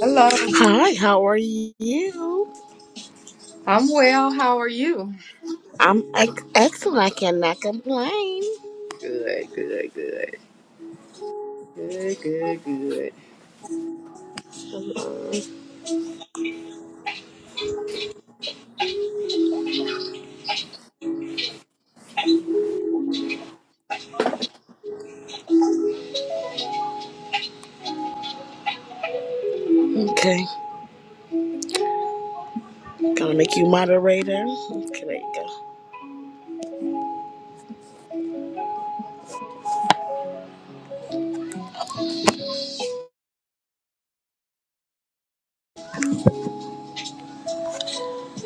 Hello. Hi, how are you? I'm well. How are you? I'm ex- excellent. I cannot complain. Good, good, good. Good, good, good. Okay, gonna make you moderator. Okay, there you go.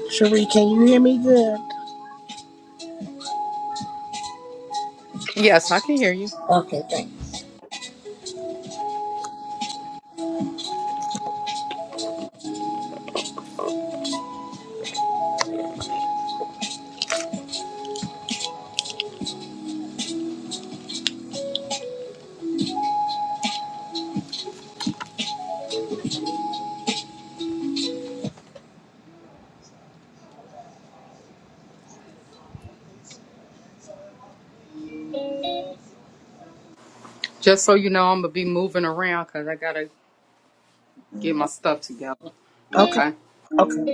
Cherie, can you hear me good? Yes, I can hear you. Okay, thanks. Just so you know, I'm going to be moving around because I got to get my stuff together. Okay, Okay. okay.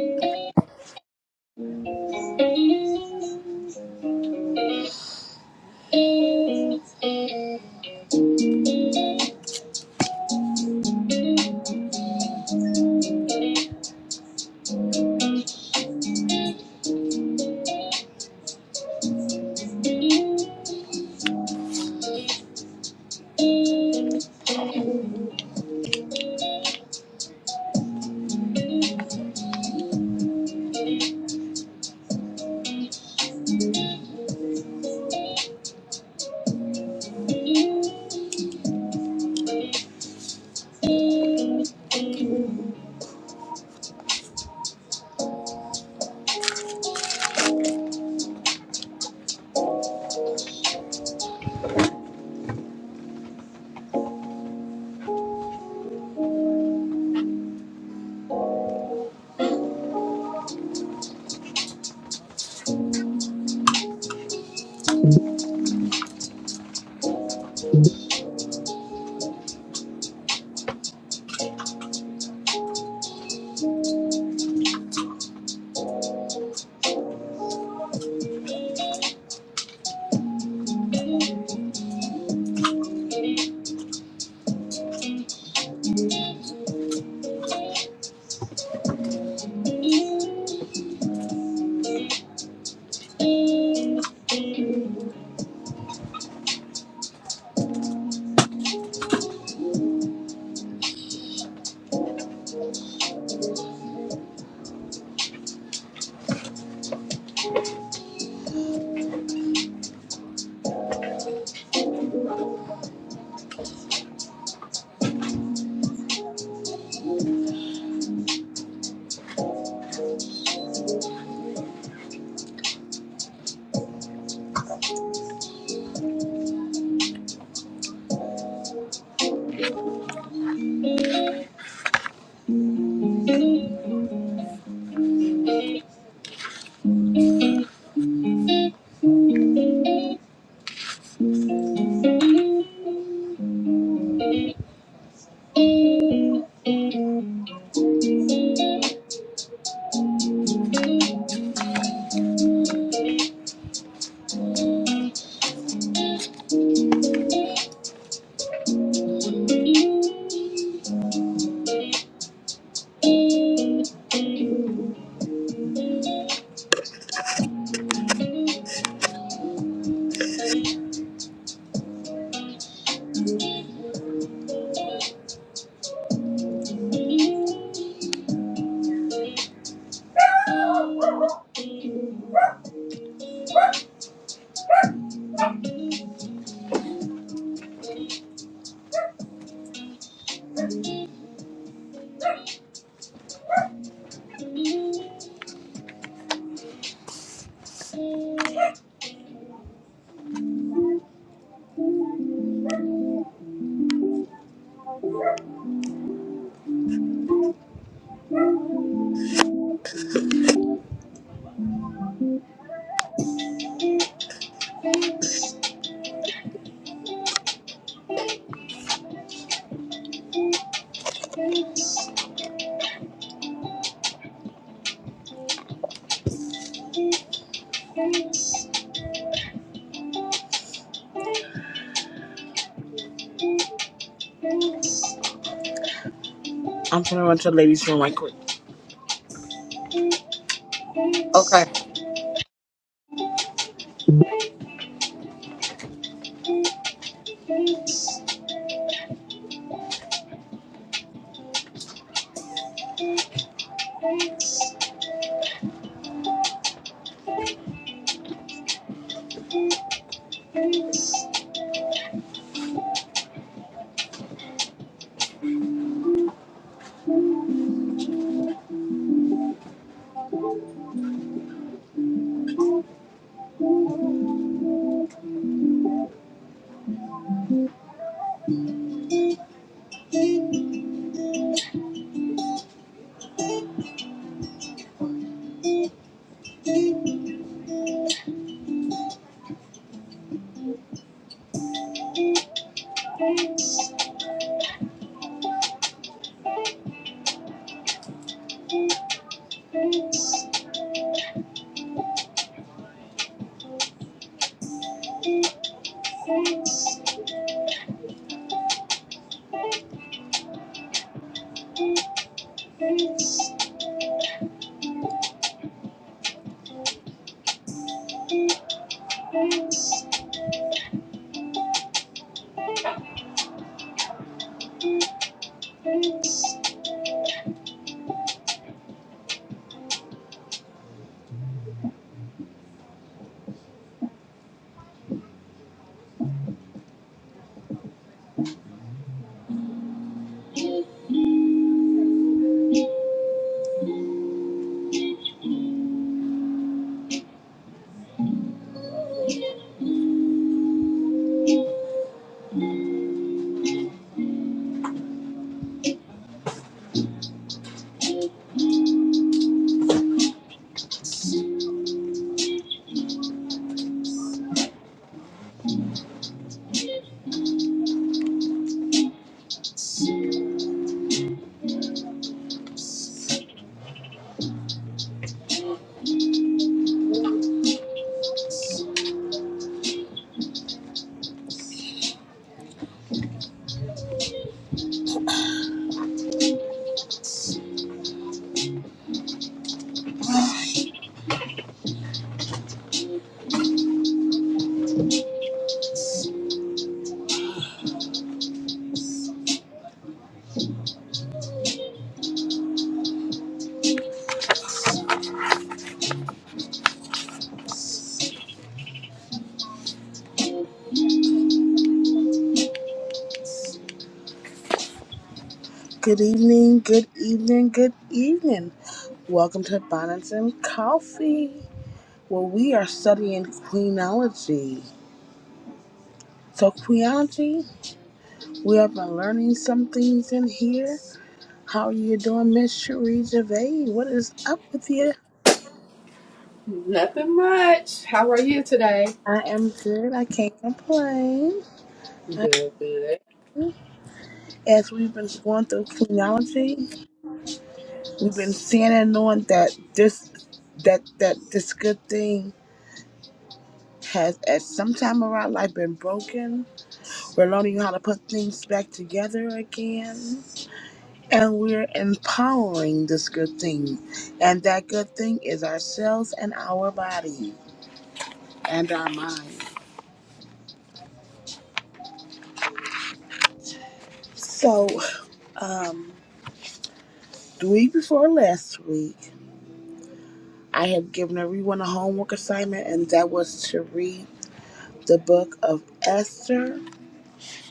I'm going to run to the ladies' room right quick. Okay. Good evening, good evening, good evening. Welcome to Bonnets and Coffee, where we are studying queenology. So, queenology, we have been learning some things in here. How are you doing, Miss Cherie Gervais? What is up with you? Nothing much. How are you today? I am good. I can't complain. Good, good. As we've been going through genealogy, we've been seeing and knowing that this that that this good thing has at some time of our life been broken. We're learning how to put things back together again. And we're empowering this good thing. And that good thing is ourselves and our body and our mind. So, um The week before last week, I had given everyone a homework assignment, and that was to read the book of Esther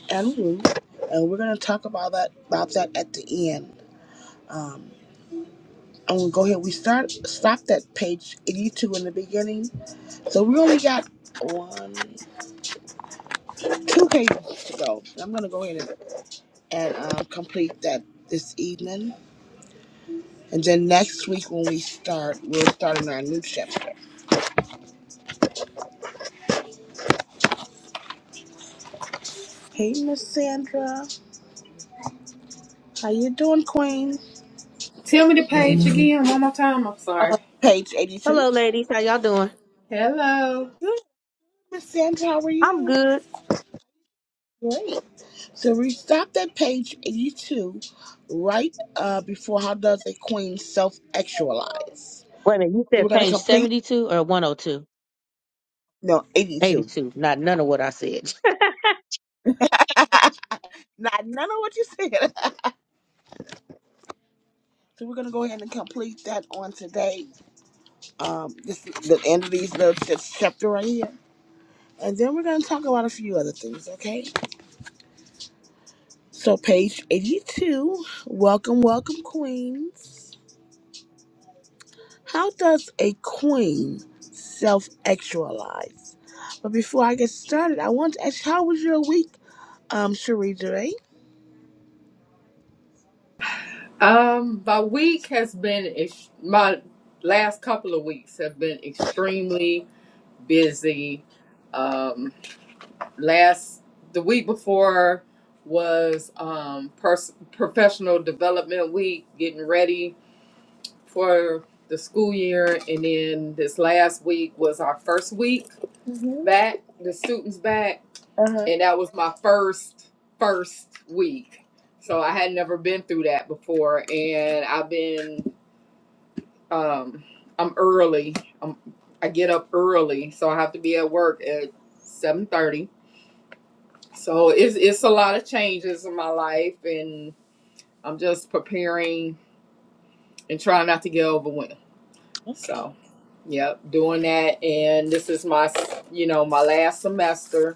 and Ruth. And we're going to talk about that about that at the end. Um, I'm going to go ahead. We start stopped at page 82 in the beginning, so we only got one, two pages to go. I'm going to go ahead and, and um, complete that this evening. And then next week when we start, we'll start in our new chapter. Hey, Miss Sandra. How you doing, Queen? Tell me the page again one more time. I'm Uh, sorry. page 82. Hello, ladies. How y'all doing? Hello. Good, Miss Sandra, how are I'm you? good. Great. So we stopped at page 82, right uh, before how does a queen self-actualize? Wait a minute. You So we're said going to page complete, 72 or 102? no, 82. 82. Not none of what I said. Not none of what you said. so we're going to go ahead and complete that on today. Um, this the end of these little this chapter right here. And then we're going to talk about a few other things, okay? So page 82, welcome, welcome, queens. How does a queen self actualize? But before I get started, I want to ask how was your week, um, Cherie J? Um, my week has been, ex- my last couple of weeks have been extremely busy. Um. last the week before was um pers- professional development week getting ready for the school year and then this last week was our first week back the students back and that was my first first week so i had never been through that before and i've been um i'm early i am i get up early so i have to be at work at seven thirty So it's it's a lot of changes in my life, and I'm just preparing and trying not to get overwhelmed. Okay. So, yep, doing that, and this is my s- you know my last semester,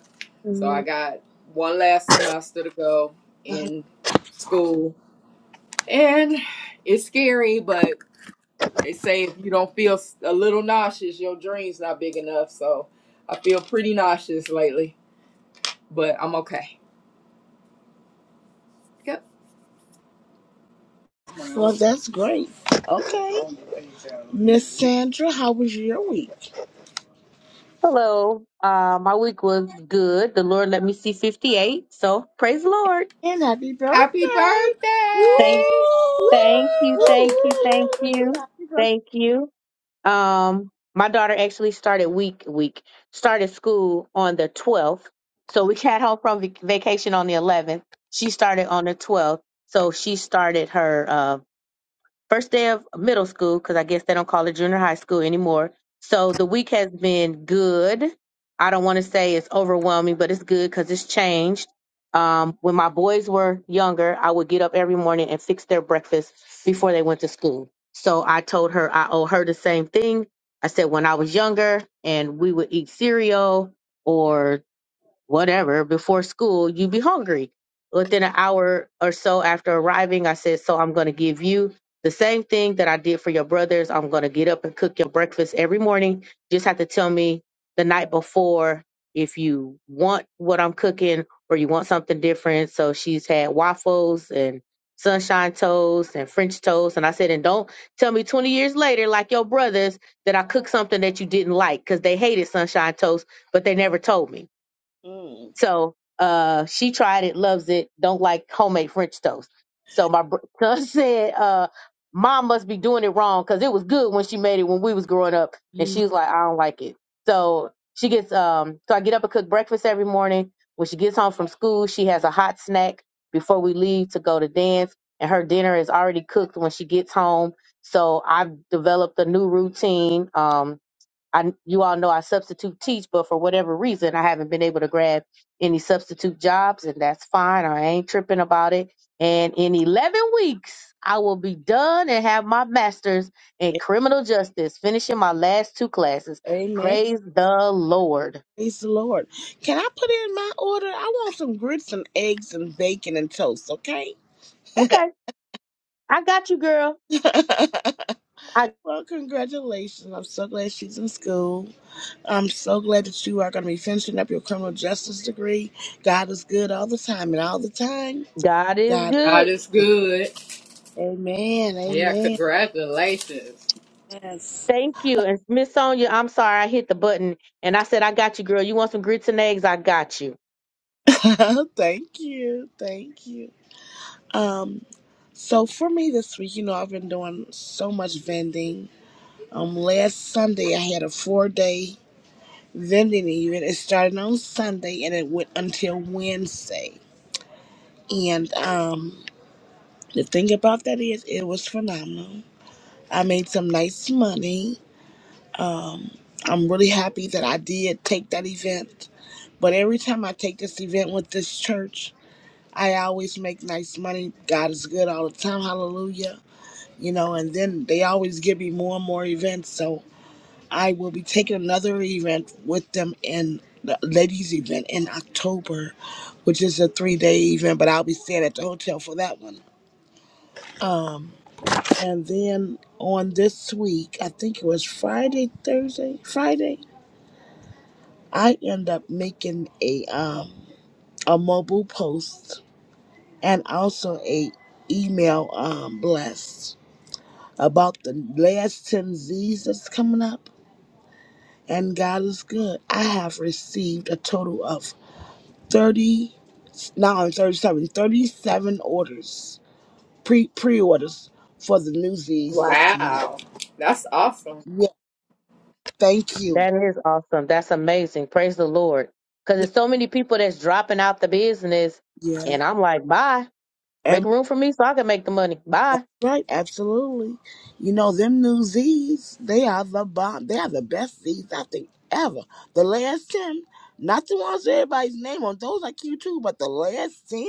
so I Mhm. got one last semester to go in school, and it's scary, but they say if you don't feel s- a little nauseous, your dream's not big enough. So I feel pretty nauseous lately, but I'm okay. Yep. Well, that's great. Okay. Miss Sandra, how was your week? Hello. Uh, my week was good. The Lord let me see 58. So praise the Lord. And happy Happy birthday! Woo! Thank, birthday! thank you. Woo! Woo! Thank you. Thank you. Happy birthday. Thank you. Um, my daughter actually started week, week, started school on the 12th. So we got home from vac- vacation on the 11th. She started on the 12th. So she started her, um. first day of middle school because I guess they don't call it junior high school anymore. So the week has been good. I don't want to say it's overwhelming, but it's good because it's changed. Um, when my boys were younger, I would get up every morning and fix their breakfast before they went to school. So I told her I owe her the same thing. I said when I was younger and we would eat cereal or whatever before school, you'd be hungry. Within an hour or so after arriving, I said, So I'm going to give you the same thing that I did for your brothers. I'm going to get up and cook your breakfast every morning. Just have to tell me the night before if you want what I'm cooking or you want something different. So she's had waffles and sunshine toast and French toast. And I said, And don't tell me 20 years later, like your brothers, that I cooked something that you didn't like because they hated sunshine toast, but they never told me. Mm. So uh, she tried it, loves it, don't like homemade French toast. So my br- son said, uh, Mom must be doing it wrong because it was good when she made it when we was growing up. And Mhm. she was like, I don't like it. So she gets, um, so I get up and cook breakfast every morning. When she gets home from school, she has a hot snack before we leave to go to dance. And her dinner is already cooked when she gets home. So I've developed a new routine. Um, I you all know I substitute teach, but for whatever reason, I haven't been able to grab any substitute jobs, and that's fine. I ain't tripping about it. And in 11 weeks, I will be done and have my master's in criminal justice, finishing my last two classes. Amen. Praise the Lord. Praise the Lord. Can I put in my order? I want some grits and eggs and bacon and toast, okay? Okay, I got you, girl. I Well, congratulations. I'm so glad she's in school. I'm so glad that you are going to be finishing up your criminal justice degree. God is good all the time, and all the time, God is God. God good. is good. Amen. Yeah, Amen. congratulations. Yes. Thank you. And Miss Sonia, I'm sorry I hit the button and I said I got you, girl. You want some grits and eggs? I got you. thank you. Thank you. Um, so for me this week, you know, I've been doing so much vending. Um, last Sunday I had a four day vending event. It started on Sunday and it went until Wednesday. And um The thing about that is, it was phenomenal. I made some nice money. Um, I'm really happy that I did take that event. But every time I take this event with this church, I always make nice money. God is good all the time. Hallelujah. You know, and then they always give me more and more events. So I will be taking another event with them in the ladies' event in October, which is a three day event, but I'll be staying at the hotel for that one. Um, And then on this week, I think it was Friday, Thursday, Friday, I end up making a um a mobile post and also a email um blast about the last 10 Z's that's coming up. And God is good. I have received a total of 30, now I'm 37, thirty-seven orders, pre pre orders for the new Z's that's coming up. Wow. That's awesome. Yeah, thank you. That is awesome. That's amazing. Praise the Lord. Because there's so many people that's dropping out the business, Yeah. and I'm like, bye. and. Make room for me so I can make the money. Bye. Right, absolutely. You know, them new Z's, they are the bomb. They are the best Z's I think ever. The last 10, not the ones with everybody's name on, those are cute too, but the last 10,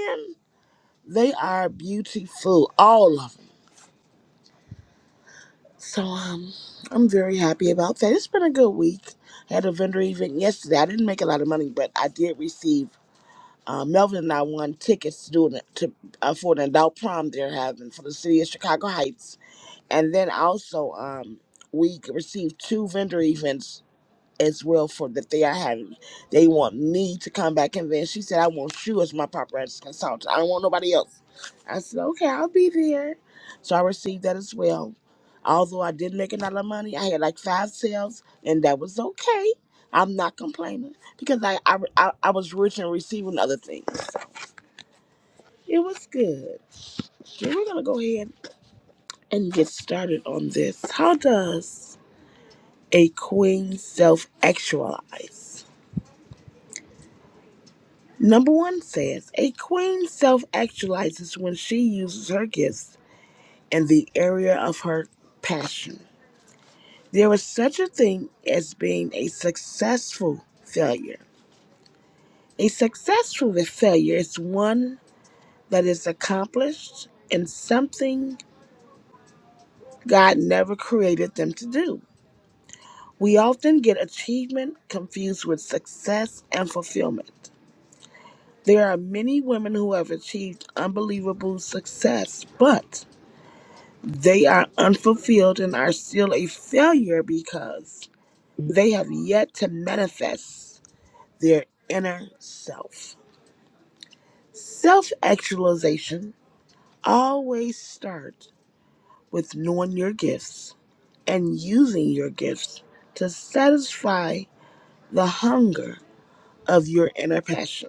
they are beautiful, all of them. So um, I'm very happy about that. It's been a good week. had a vendor event yesterday. I didn't make a lot of money, but I did receive. Uh, Melvin and I won tickets to do an, to uh, for an adult prom they're having for the city of Chicago Heights and then also um we received two vendor events as well for that they are having. They want me to come back and then she said I want you as my paparazzi consultant. I don't want nobody else. I said, Okay, I'll be there. So I received that as well. Although I didn't make a lot of money, I had like five sales and that was okay. I'm not complaining because I I, I, I was rich and receiving other things. It was good. Yeah, we're gonna go ahead and get started on this. How does A queen self actualizes. Number one says a queen self actualizes when she uses her gifts in the area of her passion. There is such a thing as being a successful failure. A successful failure is one that is accomplished in something God never created them to do. We often get achievement confused with success and fulfillment. There are many women who have achieved unbelievable success, but they are unfulfilled and are still a failure because they have yet to manifest their inner self. Self actualization always starts with knowing your gifts and using your gifts to satisfy the hunger of your inner passion.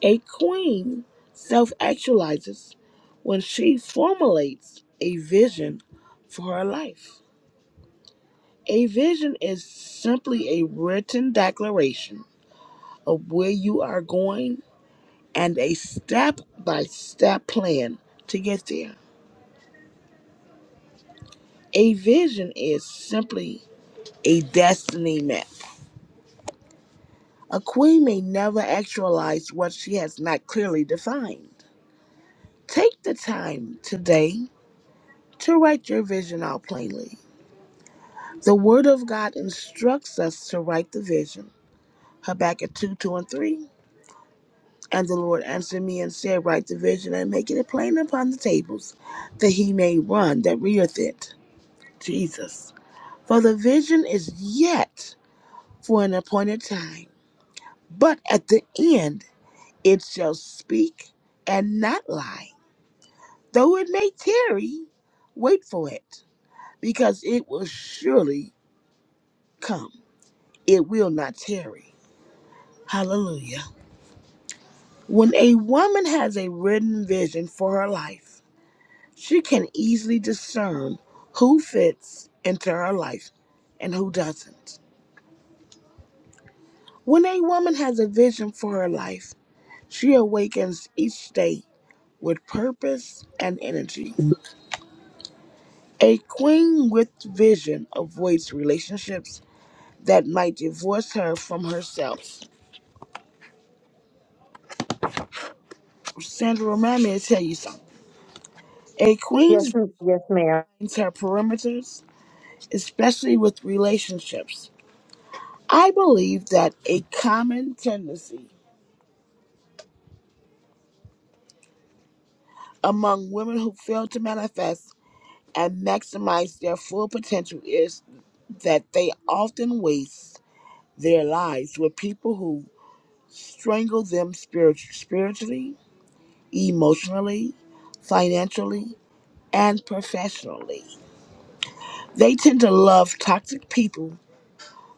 A queen self actualizes when she formulates a vision for her life. A vision is simply a written declaration of where you are going and a step by step plan to get there. A vision is simply a destiny map. A queen may never actualize what she has not clearly defined. Take the time today to write your vision out plainly The Word of God instructs us to write the vision. Habakkuk 2 2 and 3. And the Lord answered me and said, Write the vision and make it plain upon the tables, that he may run that readeth it. Jesus. For the vision is yet for an appointed time, but at the end it shall speak and not lie. Though it may tarry, wait for it, because it will surely come. It will not tarry. Hallelujah. When a woman has a written vision for her life, she can easily discern who fits into her life and who doesn't. When a woman has a vision for her life, she awakens each day with purpose and energy. A queen with vision avoids relationships that might divorce her from herself. Sandra, remind me to tell you something. A Yes, queen's m- yes, ma'am. minds her perimeters, especially with relationships I believe that a common tendency among women who fail to manifest and maximize their full potential is that they often waste their lives with people who strangle them spirit- spiritually, emotionally, financially, and professionally. They tend to love toxic people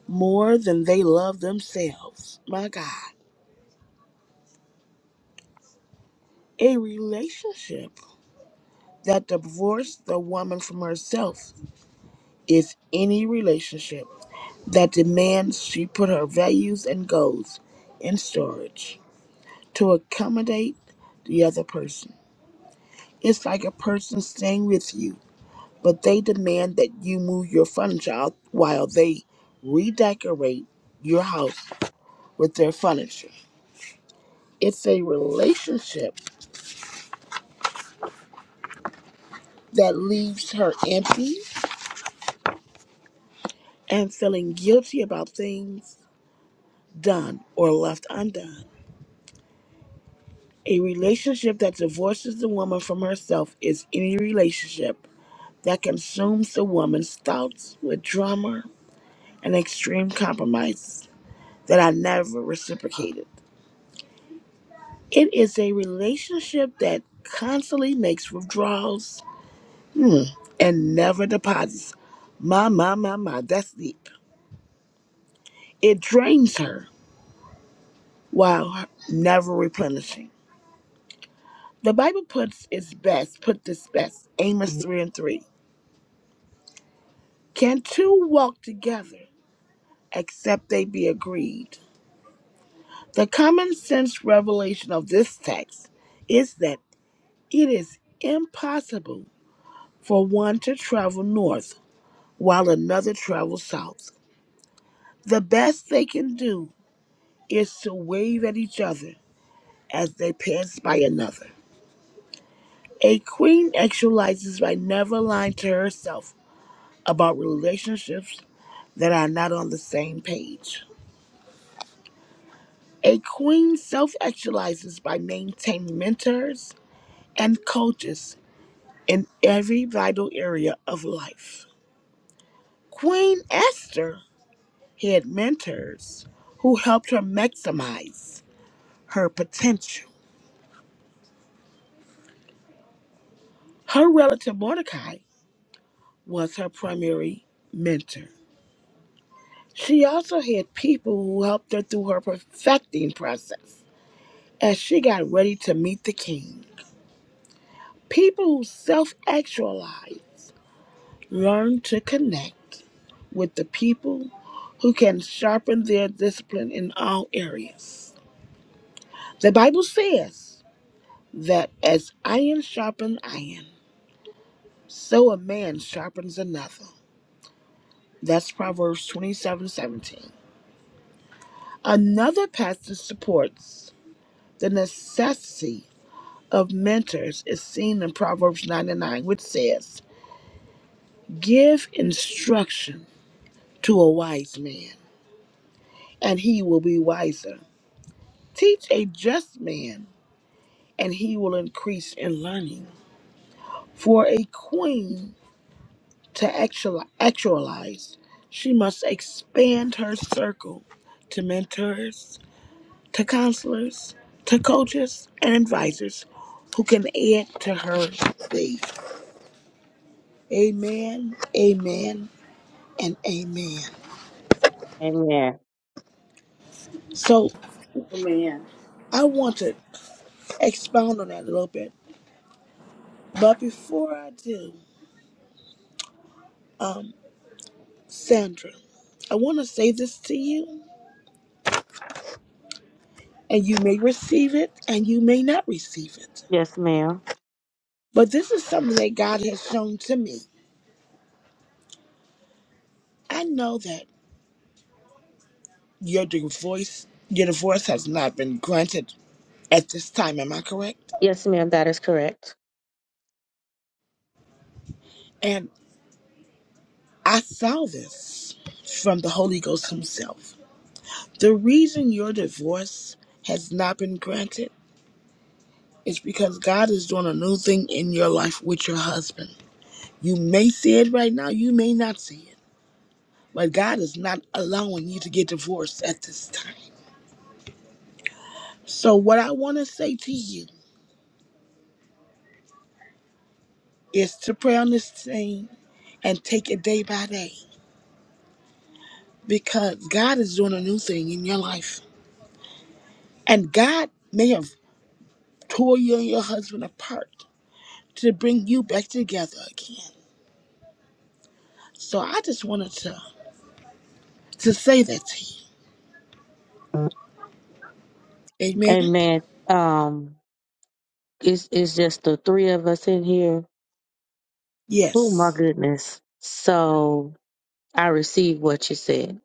more than they love themselves. My God. A relationship that divorced the woman from herself is any relationship that demands she put her values and goals in storage to accommodate the other person. It's like a person staying with you, but they demand that you move your furniture out while they redecorate your house with their furniture. It's a relationship that leaves her empty and feeling guilty about things done or left undone. A relationship that divorces the woman from herself is any relationship that consumes the woman's thoughts with drama and extreme compromises that are never reciprocated. It is a relationship that constantly makes withdrawals hmm, and never deposits. My, my, my, my, that's deep. It drains her while never replenishing. The Bible puts its best, put this best, Amos 3 and 3. Can two walk together? except they be agreed. The common sense revelation of this text is that it is impossible for one to travel north while another travels south. The best they can do is to wave at each other as they pass by another. A queen actualizes by never lying to herself about relationships that are not on the same page. A queen self actualizes by maintaining mentors and coaches in every vital area of life. Queen Esther had mentors who helped her maximize her potential. Her relative Mordecai was her primary mentor. She also had people who helped her through her perfecting process as she got ready to meet the king. People who self actualized Learn to connect with the people who can sharpen their discipline in all areas. The Bible says that as iron sharpens iron, so a man sharpens another. That's Proverbs twenty-seven seventeen. Another passage that supports the necessity of mentors is seen in Proverbs 99, which says, Give instruction to a wise man, and he will be wiser. Teach a just man, and he will increase in learning. For a queen to actual, actualize, she must expand her circle to mentors, to counselors, to coaches, and advisors who can add to her faith. Amen, amen, and amen. Amen. So Amen. I want to expound on that a little bit. But before I do, um, Sandra, I want to say this to you and you may receive it and you may not receive it. Yes, ma'am. But this is something that God has shown to me. I know that your divorce your divorce has not been granted at this time, am I correct? Yes, ma'am. That is correct. And I saw this from the Holy Ghost himself. The reason your divorce has not been granted is because God is doing a new thing in your life with your husband. You may see it right now, you may not see it, but God is not allowing you to get divorced at this time. So, what I want to say to you is to pray on this thing and take it day by day because God is doing a new thing in your life. And God may have tore you and your husband apart to bring you back together again. So, I just wanted to, to say that to you. Amen? Amen. Um, it's it's just the three of us in here. Oh my Yes. goodness. So I received what you said,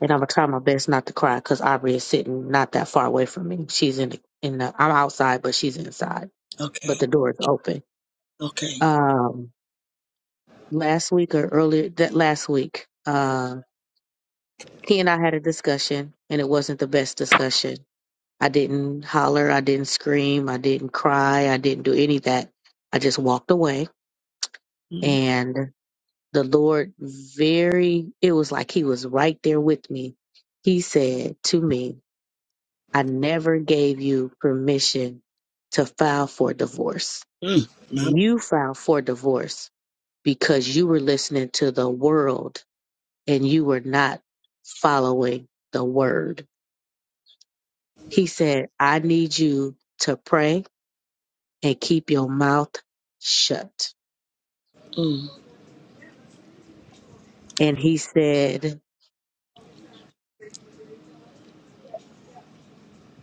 and I'm gonna try my best not to cry because Aubrey is sitting not that far away from me. She's in the in the. I'm outside, but she's inside. Okay. but the door is open. Okay. Um, last week or earlier that last week, uh, he and I had a discussion, and it wasn't the best discussion. I didn't holler, I didn't scream, I didn't cry, I didn't do any of that. I just walked away, Mm, and the Lord very it was like he was right there with me. He said to me, "I never gave you permission to file for divorce. mm, ma'am. You filed for divorce because you were listening to the world and you were not following the word. He said, I need you to pray and keep your mouth shut. Mm, And he said,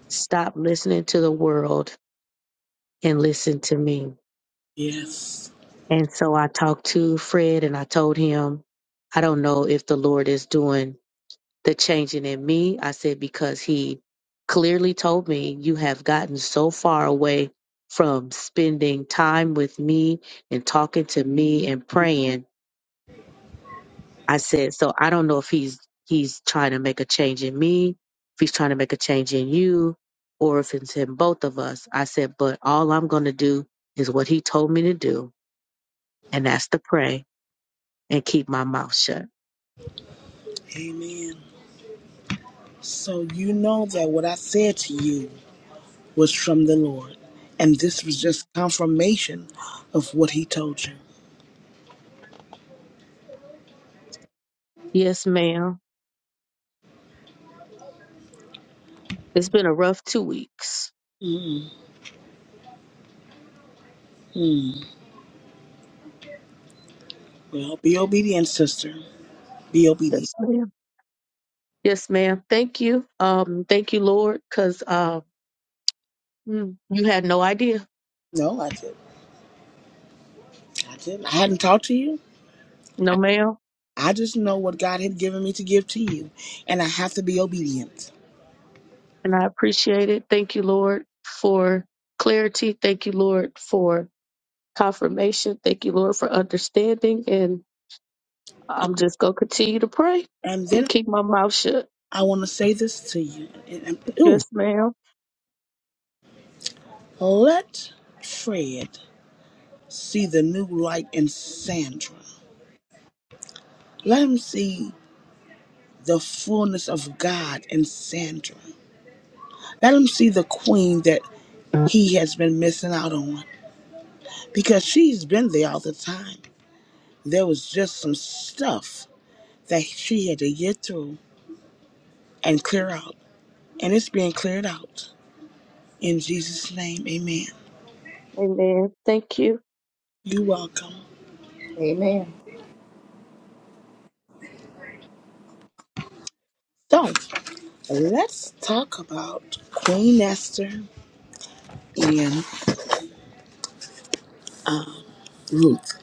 Stop listening to the world and listen to me. yes. And so I talked to Fred and I told him, I don't know if the Lord is doing the changing in me. I said, because he clearly told me you have gotten so far away from spending time with me and talking to me and praying. I said, so I don't know if he's he's trying to make a change in me, if he's trying to make a change in you, or if it's in both of us. I said, but all I'm gonna do is what he told me to do, and that's to pray and keep my mouth shut. Amen. So, you know that what I said to you was from the Lord. And this was just confirmation of what he told you. Yes, ma'am. It's been a rough two weeks. mm mm. Well, be obedient, sister. Be obedient. Yes, ma'am. Yes, ma'am. Thank you. Um, thank you, Lord, because uh, mm, you had no idea. No, I did. I didn't. I hadn't talked to you. No, ma'am. I just know what God had given me to give to you, and I have to be obedient. And I appreciate it. Thank you, Lord, for clarity. Thank you, Lord, for confirmation. Thank you, Lord, for understanding. And I'm just going to continue to pray And then and keep my mouth shut. I want to say this to you. And, and, ooh, Yes, ma'am. let Fred see the new light in Sandra. Let him see the fullness of God in Sandra. Let him see the queen that he has been missing out on because she's been there all the time. There was just some stuff that she had to get through and clear out, and it's being cleared out. In Jesus' name, amen. Amen. Thank you. You're welcome. Amen. So, let's talk about Queen Esther and Ruth.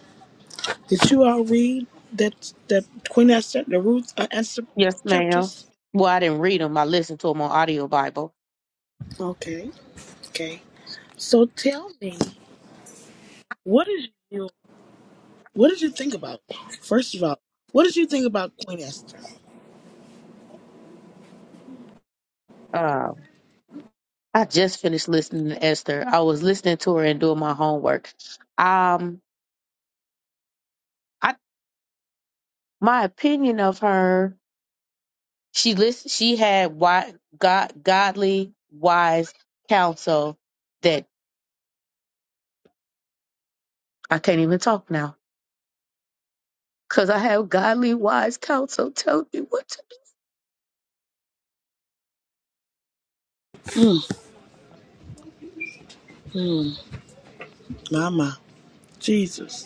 Did you all read that the Queen Esther, the Ruth uh, Esther Yes, ma'am. chapters? Well, I didn't read them. I listened to them on audio Bible. Okay, okay. So tell me, what is your What did you think about? First of all, what did you think about Queen Esther? Um, I just finished listening to Esther. I was listening to her and doing my homework. Um, I my opinion of her, she list she had wi- god, godly wise counsel that I can't even talk now because I have godly wise counsel tell me what to Mama, Jesus,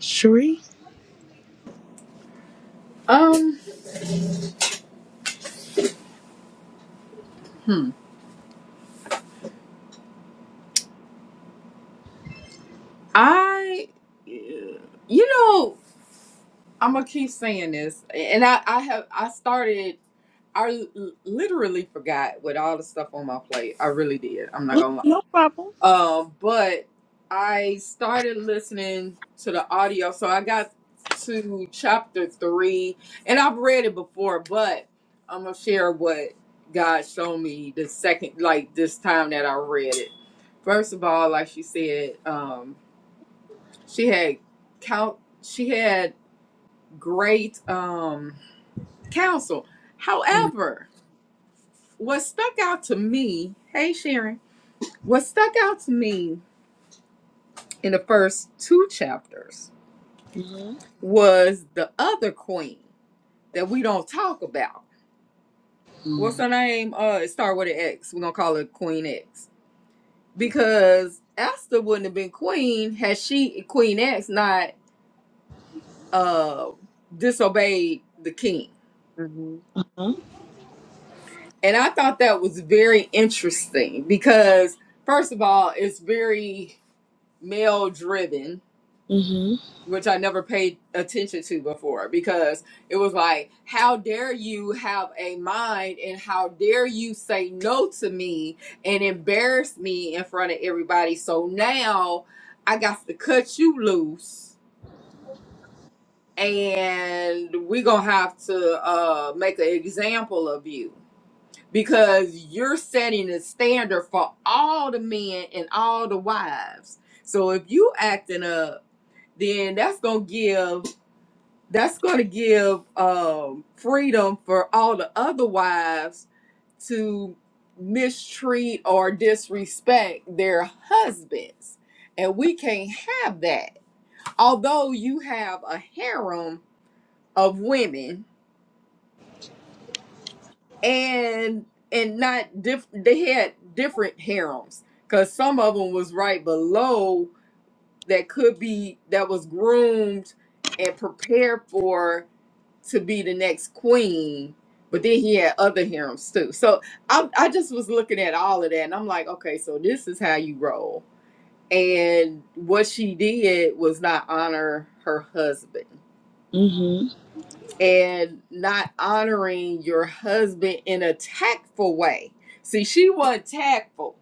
Sheree, Um, hmm. I, you know, I'm gonna keep saying this, and I, I have, I started, I l- literally forgot with all the stuff on my plate. I really did. I'm not gonna lie. no problem. Um, but I started listening to the audio, so I got to chapter three, and I've read it before, but I'm gonna share what God showed me the second, like this time that I read it. First of all, like she said, um, she had count, she had great um, counsel. Mhm, However, what stuck out to me, hey Sharon, what stuck out to me in the first two chapters mhm, was the other queen that we don't talk about. What's her name? Uh, it start with an X. We're gonna call her Queen X because Esther wouldn't have been queen had she Queen X not uh disobeyed the king. do. And I thought that was very interesting because first of all, it's very male driven mhm, which I never paid attention to before because it was like, how dare you have a mind and how dare you say no to me and embarrass me in front of everybody. So now I got to cut you loose and we're going to have to uh, make an example of you because you're setting a standard for all the men and all the wives. So if you acting up, then that's going to give that's going to give um, freedom for all the other wives to mistreat or disrespect their husbands. And we can't have that. Although you have a harem of women and and not diff- they had different harems because some of them was right below that could be that was groomed and prepared for to be the next queen, but then he had other harems too. So I, I just was looking at all of that, and I'm like, okay, so this is how you roll. And what she did was not honor her husband, mhm, and not honoring your husband in a tactful way. See, she wasn't tactful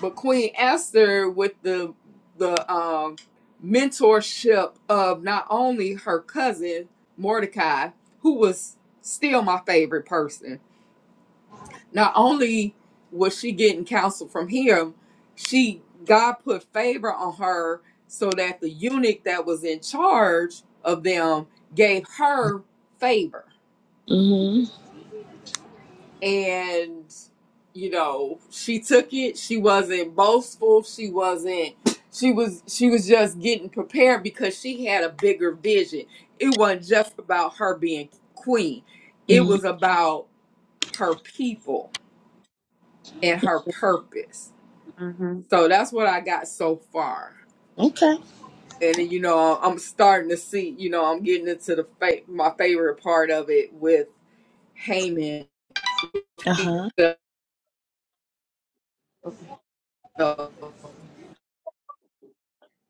but Queen Esther with the the um, mentorship of not only her cousin Mordecai, who was still my favorite person. Not only was she getting counsel from him, she God put favor on her so that the eunuch that was in charge of them gave her favor mhm, and you know she took it she wasn't boastful she wasn't she was she was just getting prepared because she had a bigger vision it wasn't just about her being queen it mhm. was about her people and her purpose hmm hmm so that's what i got so far Okay. and you know i'm starting to see you know i'm getting into the fa- my favorite part of it with Haman Uh huh.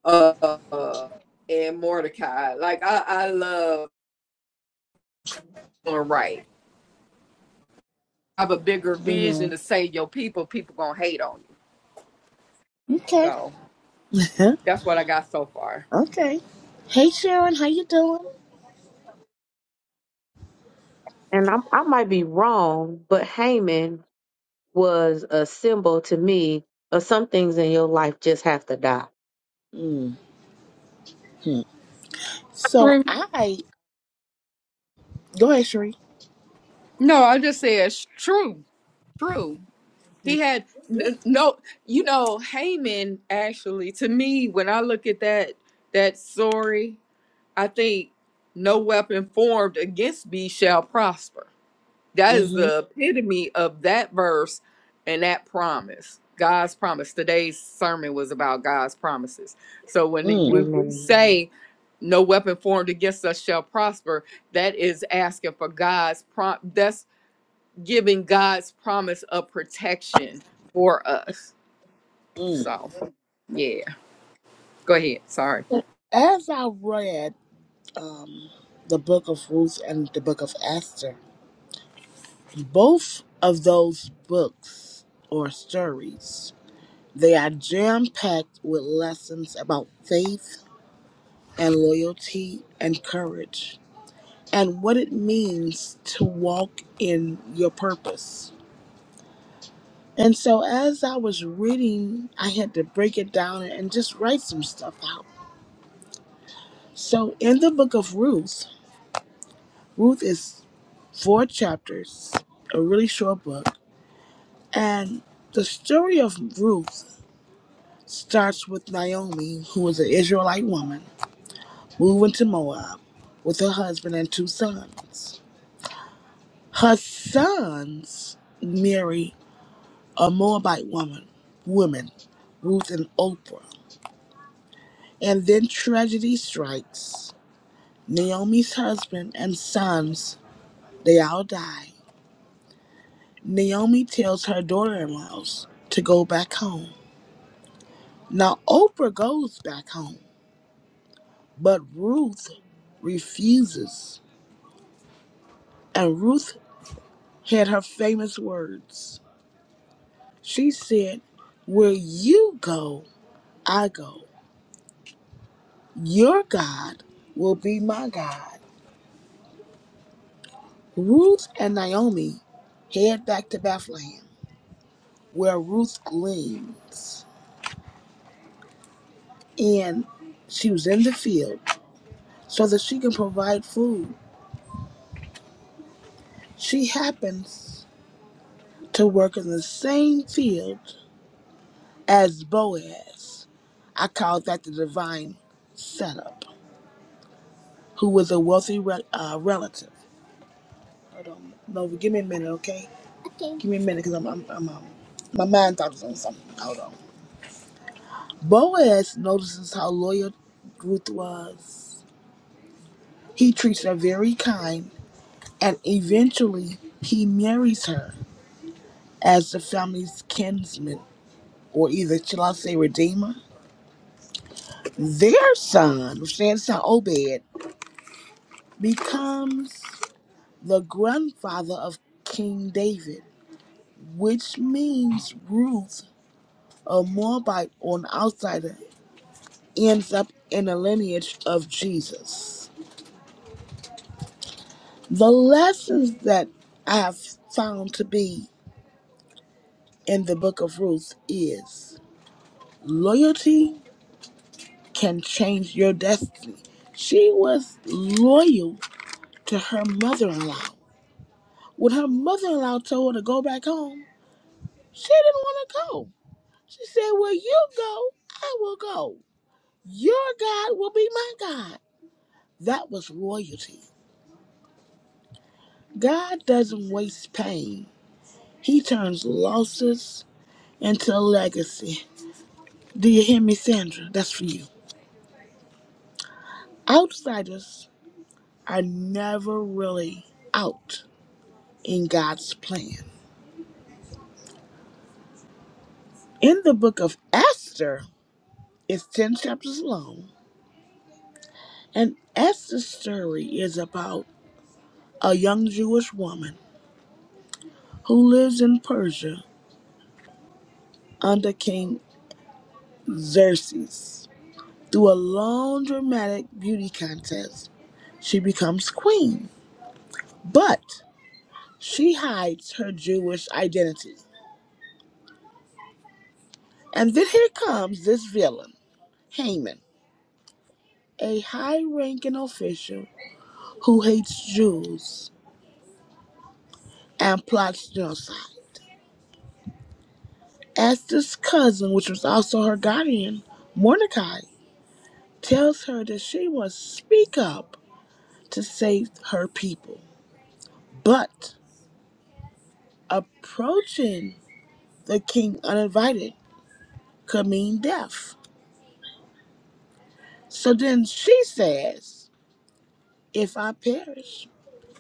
uh, and Mordecai. Like I, I love doing right. I have a bigger vision Mhm. to save your people. People gonna hate on you. Okay. So that's what I got so far. okay. Hey Sharon, how you doing? And I, I might be wrong, but Haman was a symbol to me of some things in your life just have to die. hmm So True. I go ahead, Sheree. No, I just said sh- true. True. He had Yeah. n- no, you know, Haman actually, to me, when I look at that, that story, I think no weapon formed against me shall prosper. That is Mm-hmm. the epitome of that verse and that promise. God's promise. Today's sermon was about God's promises. So when Mm. we, we Mhm. Amen. say, no weapon formed against us shall prosper, that is asking for God's prom. That's giving God's promise of protection for us. So, yeah. Go ahead. Sorry. As I read the book of Ruth and the book of Esther. Both of those books or stories, they are jam-packed with lessons about faith and loyalty and courage and what it means to walk in your purpose. And so as I was reading, I had to break it down and just write some stuff out. So in the book of Ruth, Ruth is four chapters, a really short book, and the story of Ruth starts with Naomi, who was an Israelite woman, moving to Moab with her husband and two sons. Her sons marry a Moabite woman, women Ruth and Oprah. And then tragedy strikes. Naomi's husband and sons, they all die. Naomi tells her daughter-in-laws to go back home. Now Oprah goes back home, but Ruth refuses. And Ruth had her famous words. She said, Where you go, I go. Your God will be my God. Ruth and Naomi head back to Bethlehem, where Ruth gleans. And she was in the field so that she can provide food. She happens to work in the same field as Boaz. I call that the divine setup, who was a wealthy re- uh, relative. Hold on. No, give me a minute, okay? Okay. Give me a minute, cause I'm, I'm, I'm, um, my mind thought it was on something. Hold on. Boaz notices how loyal Ruth was. He treats her very kind, and eventually he marries her as the family's kinsman, or either shall I say redeemer? Their son, which stands to Obed, becomes the grandfather of King David, which means Ruth a Moabite or an outsider ends up in the lineage of Jesus. The lessons that I have found to be in the book of Ruth is loyalty can change your destiny. She was loyal to her mother in law. When her mother in law told her to go back home, she didn't want to go. She said, "Where you go, I will go. Your God will be my God. That was loyalty. God doesn't waste pain. He turns losses into legacy. Do you hear me, Sandra? That's for you. Outsiders are never really out in God's plan. In the book of Esther, it's 10 chapters long, and Esther's story is about a young Jewish woman who lives in Persia under King Xerxes. Through a long dramatic beauty contest, she becomes queen. But She hides her Jewish identity. And then here comes this villain, Haman, a high ranking official who hates Jews and plots genocide. Esther's cousin, which was also her guardian, Mordecai, tells her that she must speak up to save her people. But approaching the king uninvited could mean death. So then she says, If I perish,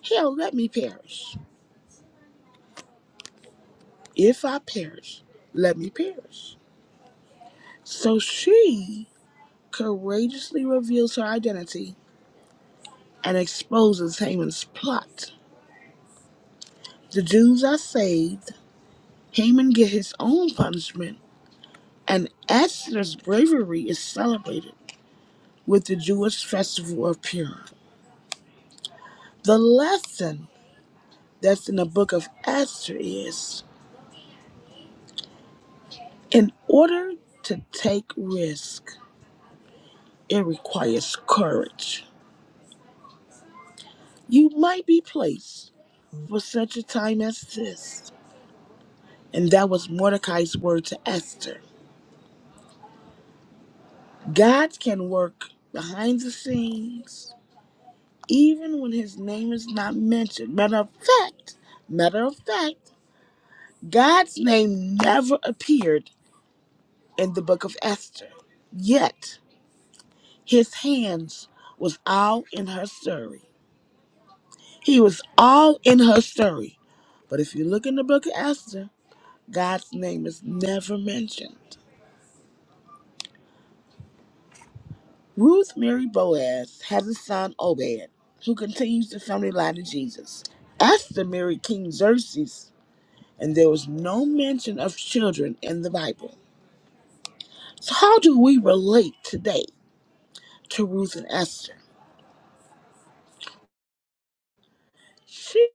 hell, let me perish. If I perish, let me perish. So she courageously reveals her identity and exposes Haman's plot. The Jews are saved, Haman gets his own punishment, and Esther's bravery is celebrated with the Jewish festival of Purim. The lesson that's in the book of Esther is in order to take risk, it requires courage. You might be placed for such a time as this. And that was Mordecai's word to Esther. God can work behind the scenes, even when his name is not mentioned. Matter of fact, matter of fact, God's name never appeared in the book of Esther. Yet his hands was all in her story. He was all in her story. But if you look in the book of Esther, God's name is never mentioned. Ruth Mary Boaz has a son, Obed, who continues the family line of Jesus. Esther married King Xerxes, and there was no mention of children in the Bible. So, how do we relate today to Ruth and Esther? She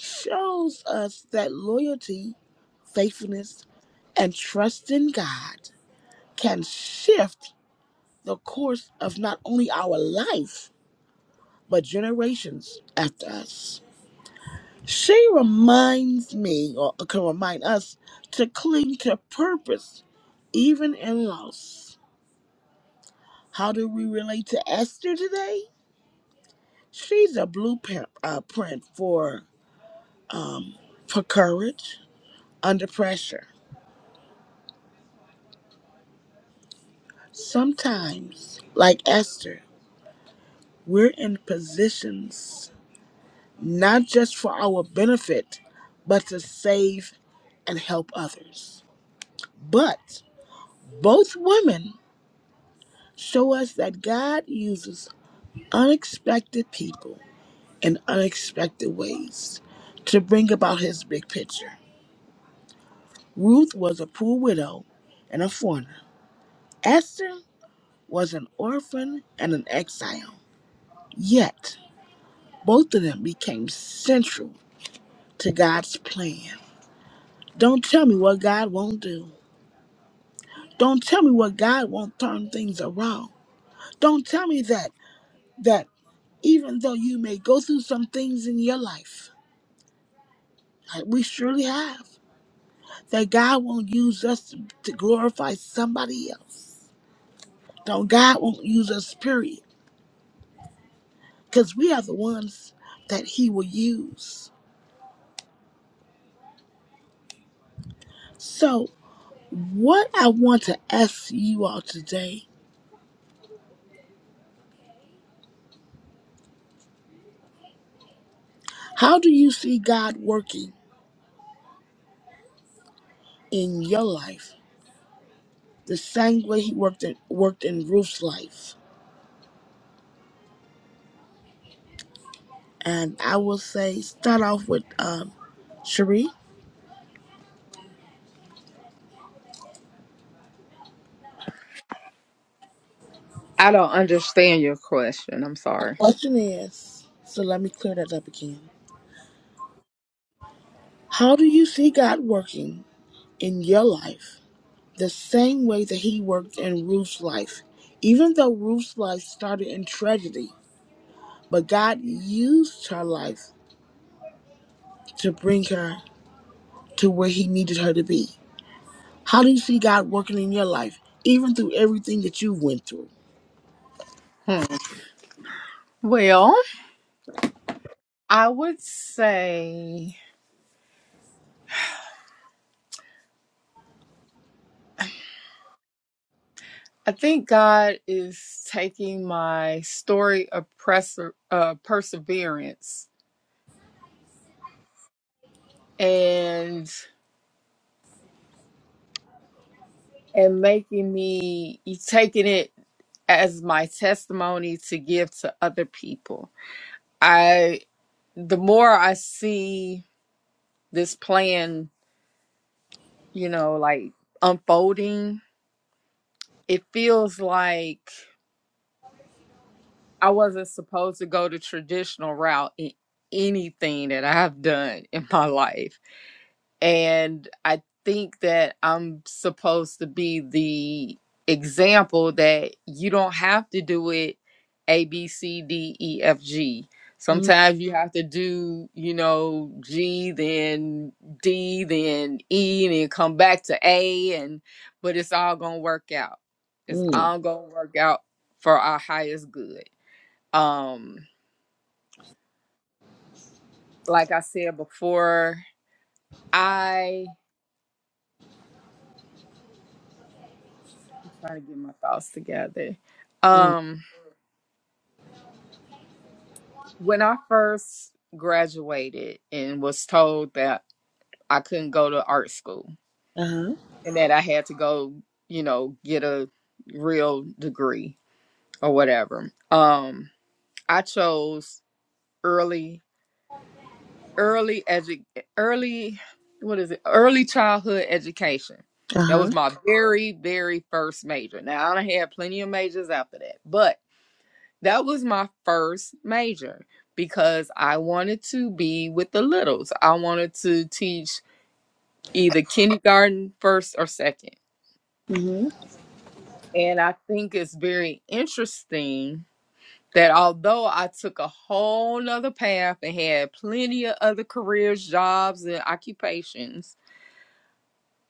shows us that loyalty, faithfulness, and trust in God can shift the course of not only our life, but generations after us. She reminds me, or can remind us, to cling to purpose, even in loss. How do we relate to Esther today? She's a blueprint uh, print for for courage under pressure. Sometimes, like Esther, we're in positions not just for our benefit, but to save and help others. But both women show us that God uses unexpected people in unexpected ways to bring about his big picture. Ruth was a poor widow and a foreigner. Esther was an orphan and an exile. Yet, both of them became central to God's plan. Don't tell me what God won't do. Don't tell me what God won't turn things around. Don't tell me that that even though you may go through some things in your life, like we surely have. that God won't use us to glorify somebody else. No, God won't use us, period, because we are the ones that He will use. So, what I want to ask you all today how do you see God working in your life the same way He worked in, worked in Ruth's life? And I will say, start off with um, Cherie. I don't understand your question. I'm My sorry. question is so let me clear that up again. How do you see God working in your life? the same way that he worked in Ruth's life. Even though Ruth's life started in tragedy, but God used her life to bring her to where he needed her to be. How do you see God working in your life, even through everything that you went through? Hmm. Well, I would say. I think God is taking my story of preser- uh, perseverance and and making me taking it as my testimony to give to other people. I the more I see this plan, you know, like unfolding, it feels like I wasn't supposed to go the traditional route in anything that I've done in my life and I think that I'm supposed to be the example that you don't have to do it A B C D E F G. Mm, Sometimes you have to do, you know, G then D then E then come back to A and but it's all going to work out. It's mm, all going to work out for our highest good. Um like I said before, I. I'm trying to get my thoughts together. mm. Um, when I first graduated and was told that I couldn't go to art school Uh-huh. and that I had to go, you know, get a real degree or whatever, um, I chose early, early edu- early, what is it? Early childhood education. That Uh-huh. was my very, very first major. Now I done had plenty of majors after that, but That was my first major because I wanted to be with the littles. I wanted to teach either kindergarten, first, or second. Mm-hmm. And I think it's very interesting that although I took a whole nother path and had plenty of other careers, jobs, and occupations,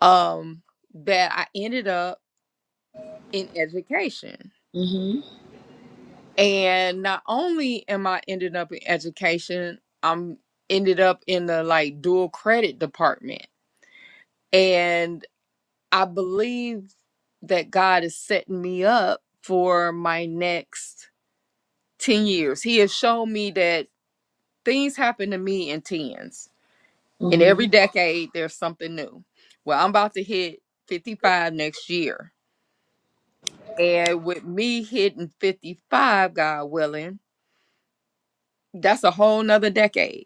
um, that I ended up in education Mm-hmm. and not only am I ended up in education, I'm ended up in the like dual credit department. And I believe that God is setting me up for my next 10 years. He has shown me that things happen to me in tens. In Mm-hmm. every decade, there's something new. Well, I'm about to hit 55 next year. And with me hitting 55, God willing, that's a whole nother decade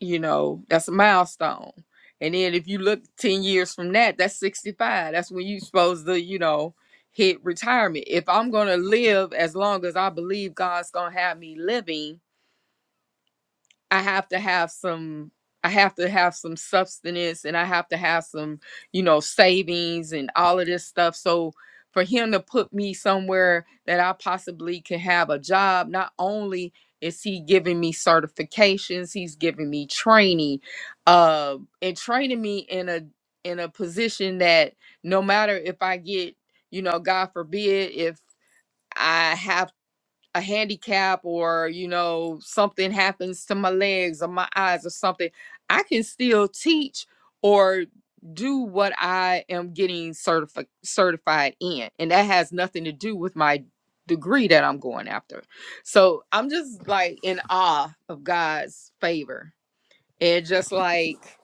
you know that's a milestone and then if you look 10 years from that that's 65 that's when you're supposed to you know hit retirement if i'm gonna live as long as i believe god's gonna have me living I have to have some I have to have some substance and I have to have some, you know, savings and all of this stuff. So for him to put me somewhere that I possibly can have a job, not only is he giving me certifications, he's giving me training, uh, and training me in a in a position that no matter if I get, you know, God forbid, if I have a handicap or you know something happens to my legs or my eyes or something i can still teach or do what i am getting certifi- certified in and that has nothing to do with my degree that i'm going after so i'm just like in awe of god's favor and just like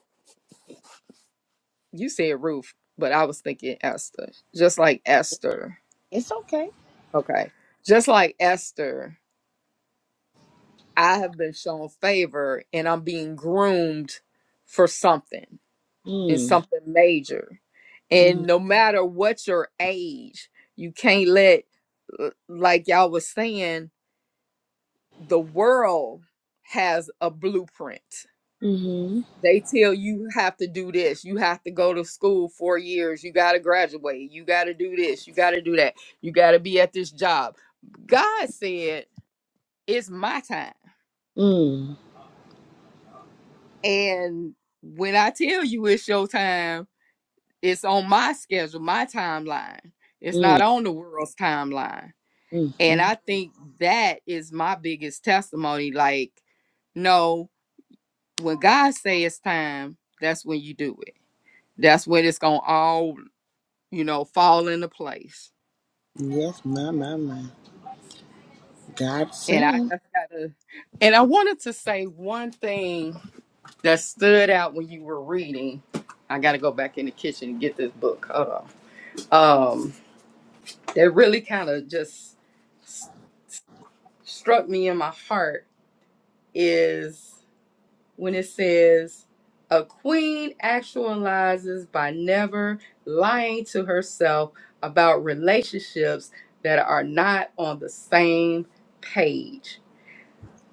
you said ruth but i was thinking esther just like esther It's okay. okay just like esther I have been shown favor and I'm being groomed for something and Mm, something major. And mm, no matter what your age, you can't let, l- like y'all was saying, the world has a blueprint. mm-hmm. They tell you have to do this, you have to go to school four years, you got to graduate, you got to do this, you got to do that, you got to be at this job. God said, It's my time. Mm, And when I tell you it's your time, it's on my schedule, my timeline. It's mm, not on the world's timeline. mm, And mm. I think that is my biggest testimony. Like, no, when God says it's time, that's when you do it. That's when it's gonna all, you know, fall into place. Yes, my, my, my. God And I said. just gotta and I wanted to say one thing that stood out when you were reading. I gotta go back in the kitchen and get this book. Hold on. Um. that really kind of just s- struck me in my heart is when it says a queen actualizes by never lying to herself about relationships that are not on the same page.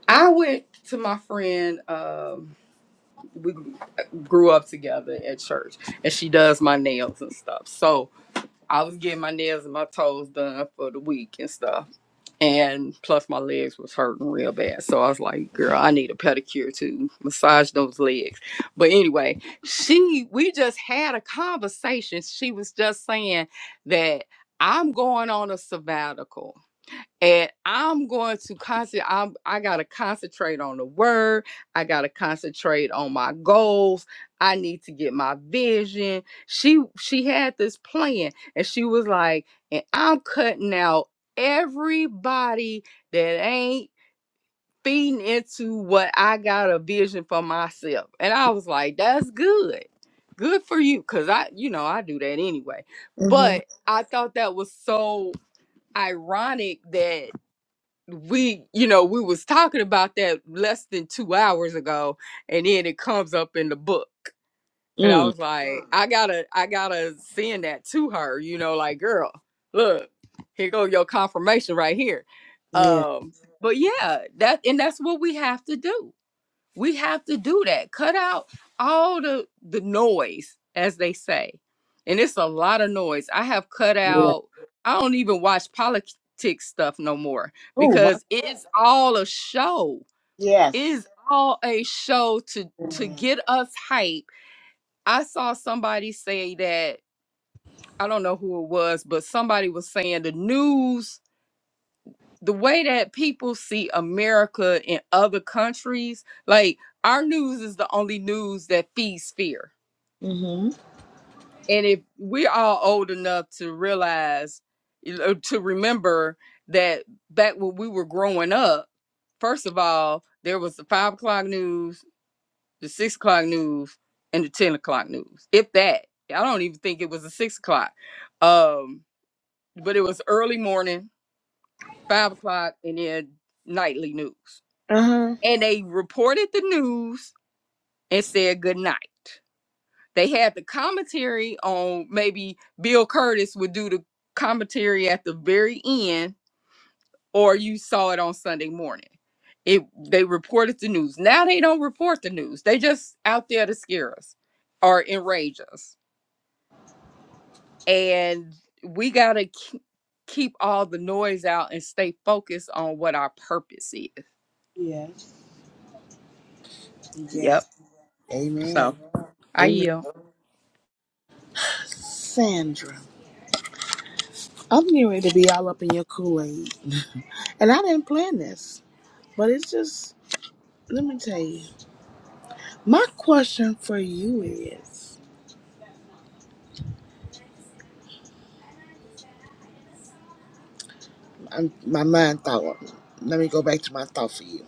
I went to my friend, um, we grew up together at church, and she does my nails and stuff. So I was getting my nails and my toes done for the week and stuff and plus my legs was hurting real bad so i was like girl i need a pedicure to massage those legs but anyway she we just had a conversation she was just saying that i'm going on a sabbatical and I'm going to concentrate. I'm I gotta concentrate on the word. I gotta concentrate on my goals. I need to get my vision. She she had this plan, and she was like, and I'm cutting out everybody that ain't feeding into what I got a vision for myself. And I was like, that's good. Good for you. Cause I, you know, I do that anyway. Mm-hmm. But I thought that was so ironic that we you know we was talking about that less than two hours ago and then it comes up in the book and i Mm. was like Mm. i gotta i gotta send that to her you know like girl look here go your confirmation right here Yeah. um but yeah that and that's what we have to do we have to do that. Cut out all the the noise, as they say. And it's a lot of noise. I have cut Yeah. out I don't even watch politics stuff no more Oh my. because it's all a show. It Yes. is all a show to to Amen. get us hype. I saw somebody say that I don't know who it was, but somebody was saying the news the way that people see America in other countries, like our news is the only news that feeds fear. Mm-hmm. And if we're all old enough to realize, you know, to remember that back when we were growing up, first of all, there was the five o'clock news, the six o'clock news, and the 10 o'clock news, if that. I don't even think it was a six o'clock. Um, but it was early morning, five o'clock, and then nightly news Uh-huh. and they reported the news and said good night. They had the commentary on maybe Bill Curtis would do the commentary at the very end, or you saw it on Sunday morning. It they reported the news. Now they don't report the news. They just out there to scare us or enrage us. And we gotta keep all the noise out and stay focused on what our purpose is. Yes. Yes. Yep. Amen. So I Amen. yield. Sandra, I'm getting ready to be all up in your Kool Aid, and I didn't plan this, but it's just. Let me tell you. My question for you is, I'm, my mind thought. Let me go back to my thought for you.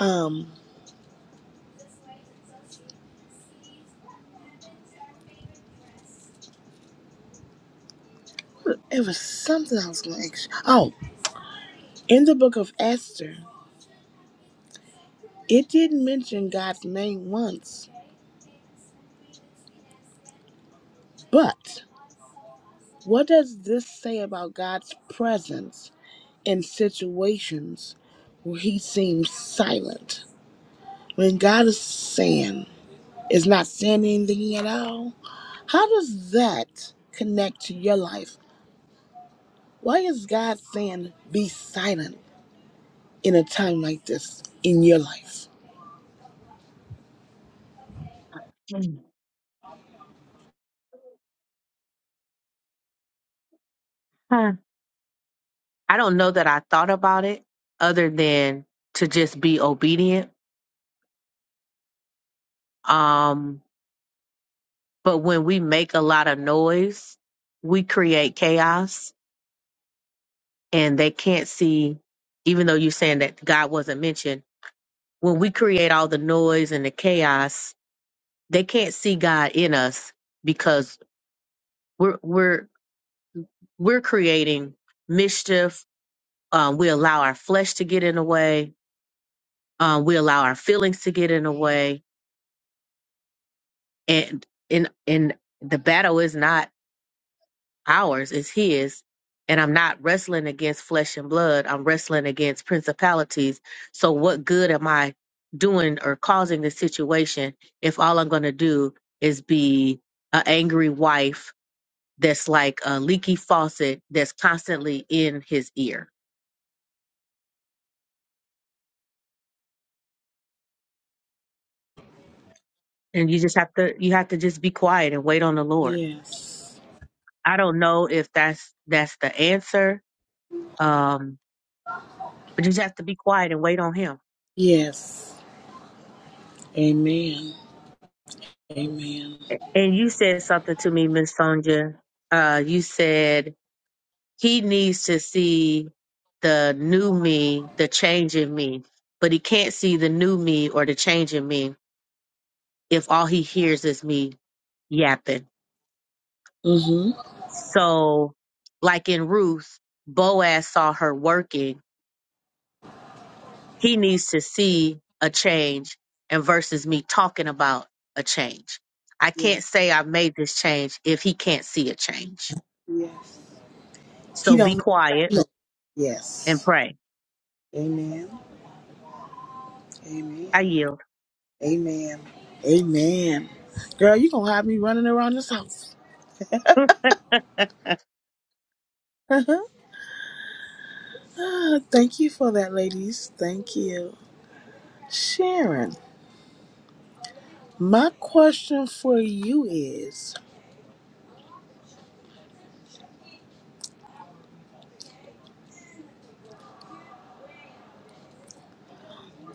Um, it was something I was going to ask. You. Oh, in the book of Esther, it didn't mention God's name once, but What does this say about God's presence in situations where he seems silent? When God is saying, is not saying anything at all? How does that connect to your life? Why is God saying, be silent in a time like this in your life? Mm. Huh. I don't know that I thought about it other than to just be obedient. Um, but when we make a lot of noise, we create chaos and they can't see, even though you're saying that God wasn't mentioned. when we create all the noise and the chaos, they can't see God in us because we're we're we're creating mischief. Um, we allow our flesh to get in the way. Um, we allow our feelings to get in the way, and in in the battle is not. ours is his and i'm not wrestling against flesh and blood i'm wrestling against principalities so what good am i doing or causing this situation if all i'm going to do is be an angry wife that's like a leaky faucet that's constantly in his ear and you just have to you have to just be quiet and wait on the lord Yes. i don't know if that's that's the answer um but you just have to be quiet and wait on him Yes. Amen. Amen. And you said something to me, Miss Sonja. Uh, you said he needs to see the new me, the change in me, but he can't see the new me or the change in me if all he hears is me yapping. Mm-hmm. So, like in Ruth, Boaz saw her working. He needs to see a change and versus me talking about a change. I Yes. can't say I made this change if he can't see a change. Yes. He So be don't quiet know. and Yes. pray. Amen. Amen. I yield. Amen. Amen. Girl, you gonna have me running around this house. Thank you for that, ladies. Thank you. Sharon, my question for you is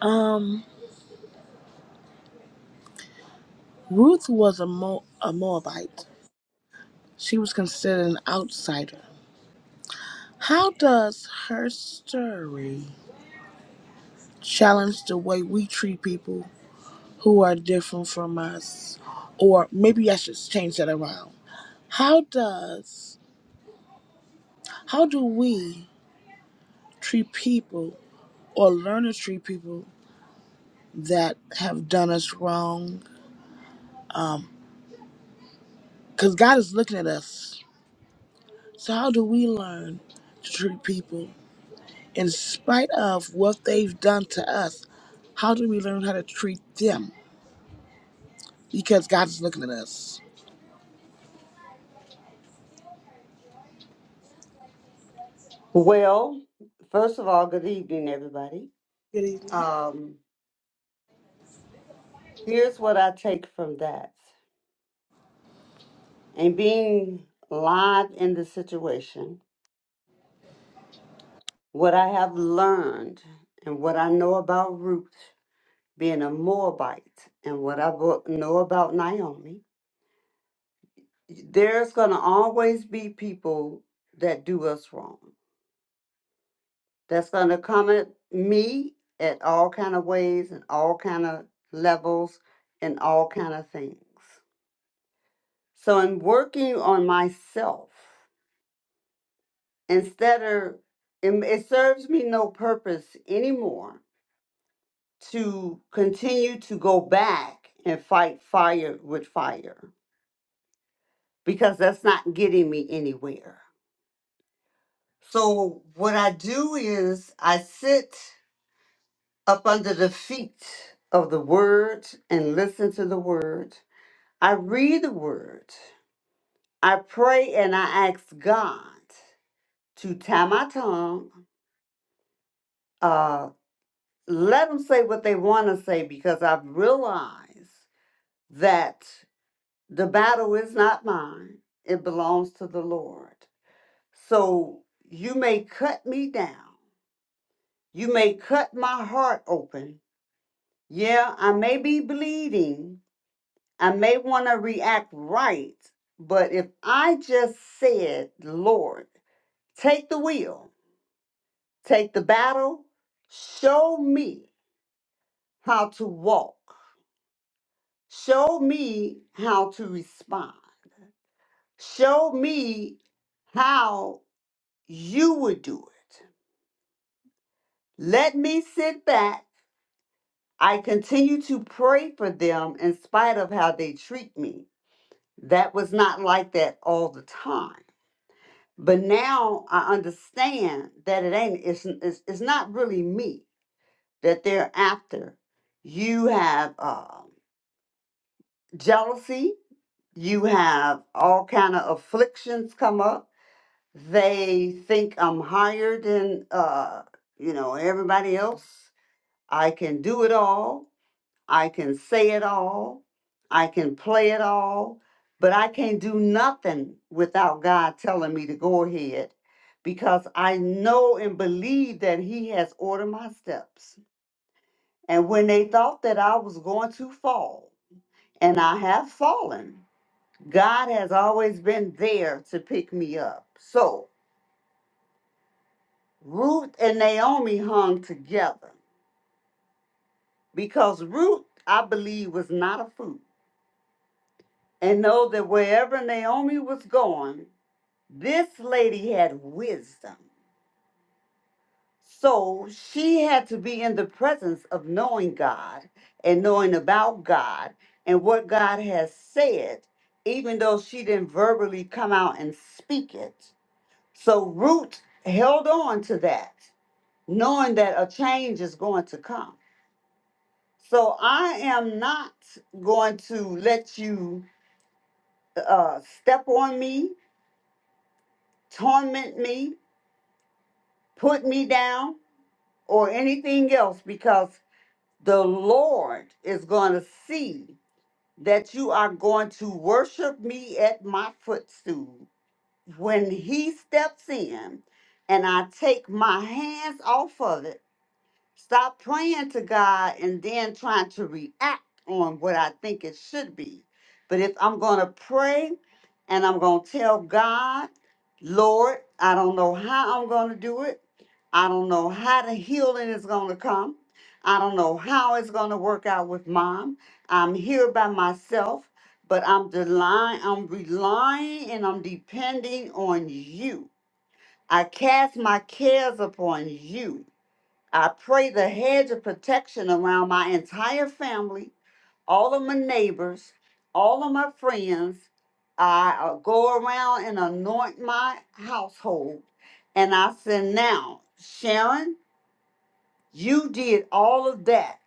um Ruth was a Mo- a Moabite. She was considered an outsider. How does her story challenge the way we treat people who are different from us? Or maybe I should change that around. How does How do we treat people or learn to treat people that have done us wrong? Because God is looking at us. So, how do we learn to treat people in spite of what they've done to us? How do we learn how to treat them? Because God is looking at us. Well, first of all, good evening, everybody. Good evening. Um, here's what I take from that. And being live in the situation, what I have learned and what I know about Ruth being a Moabite and what I bo- know about Naomi, there's going to always be people that do us wrong. That's going to come at me at all kind of ways and all kind of levels and all kind of things. So I'm working on myself instead of it, it serves me no purpose anymore to continue to go back and fight fire with fire because that's not getting me anywhere. So what I do is I sit up under the feet of the word and listen to the word. I read the word. I pray and I ask God to tie my tongue Uh. let them say what they want to say because I've realized that the battle is not mine, it belongs to the Lord. So you may cut me down, you may cut my heart open. Yeah, I may be bleeding, I may want to react right, but if I just said, Lord, take the wheel, take the battle, show me how to walk. Show me how to respond. Show me how you would do it. Let me sit back. I continue to pray for them in spite of how they treat me. That was not like that all the time. But now I understand that it ain't, it's, it's, it's not really me that they're after. You have uh, jealousy, you have all kind of afflictions come up they think I'm higher than uh, you know, everybody else. I can do it all. I can say it all. I can play it all, but I can't do nothing without God telling me to go ahead because I know and believe that he has ordered my steps. And when they thought that I was going to fall, and I have fallen, God has always been there to pick me up. So, Ruth and Naomi hung together because Ruth, I believe, was not a fool and know that wherever Naomi was going, this lady had wisdom. So she had to be in the presence of knowing God and knowing about God and what God has said, even though she didn't verbally come out and speak it. So Ruth held on to that, knowing that a change is going to come. So I am not going to let you uh, step on me, torment me, put me down, or anything else because the Lord is going to see that you are going to worship me at my footstool. When He steps in and I take my hands off of it, Stop praying to God and then trying to react on what I think it should be. But if I'm going to pray and I'm going to tell God, Lord, I don't know how I'm going to do it. I don't know how the healing is going to come. I don't know how it's going to work out with mom. I'm here by myself, but I'm relying, I'm relying and I'm depending on you. I cast my cares upon you I pray the hedge of protection around my entire family, all of my neighbors, all of my friends. I uh, go around and anoint my household. And I said, Now, Sharon, you did all of that.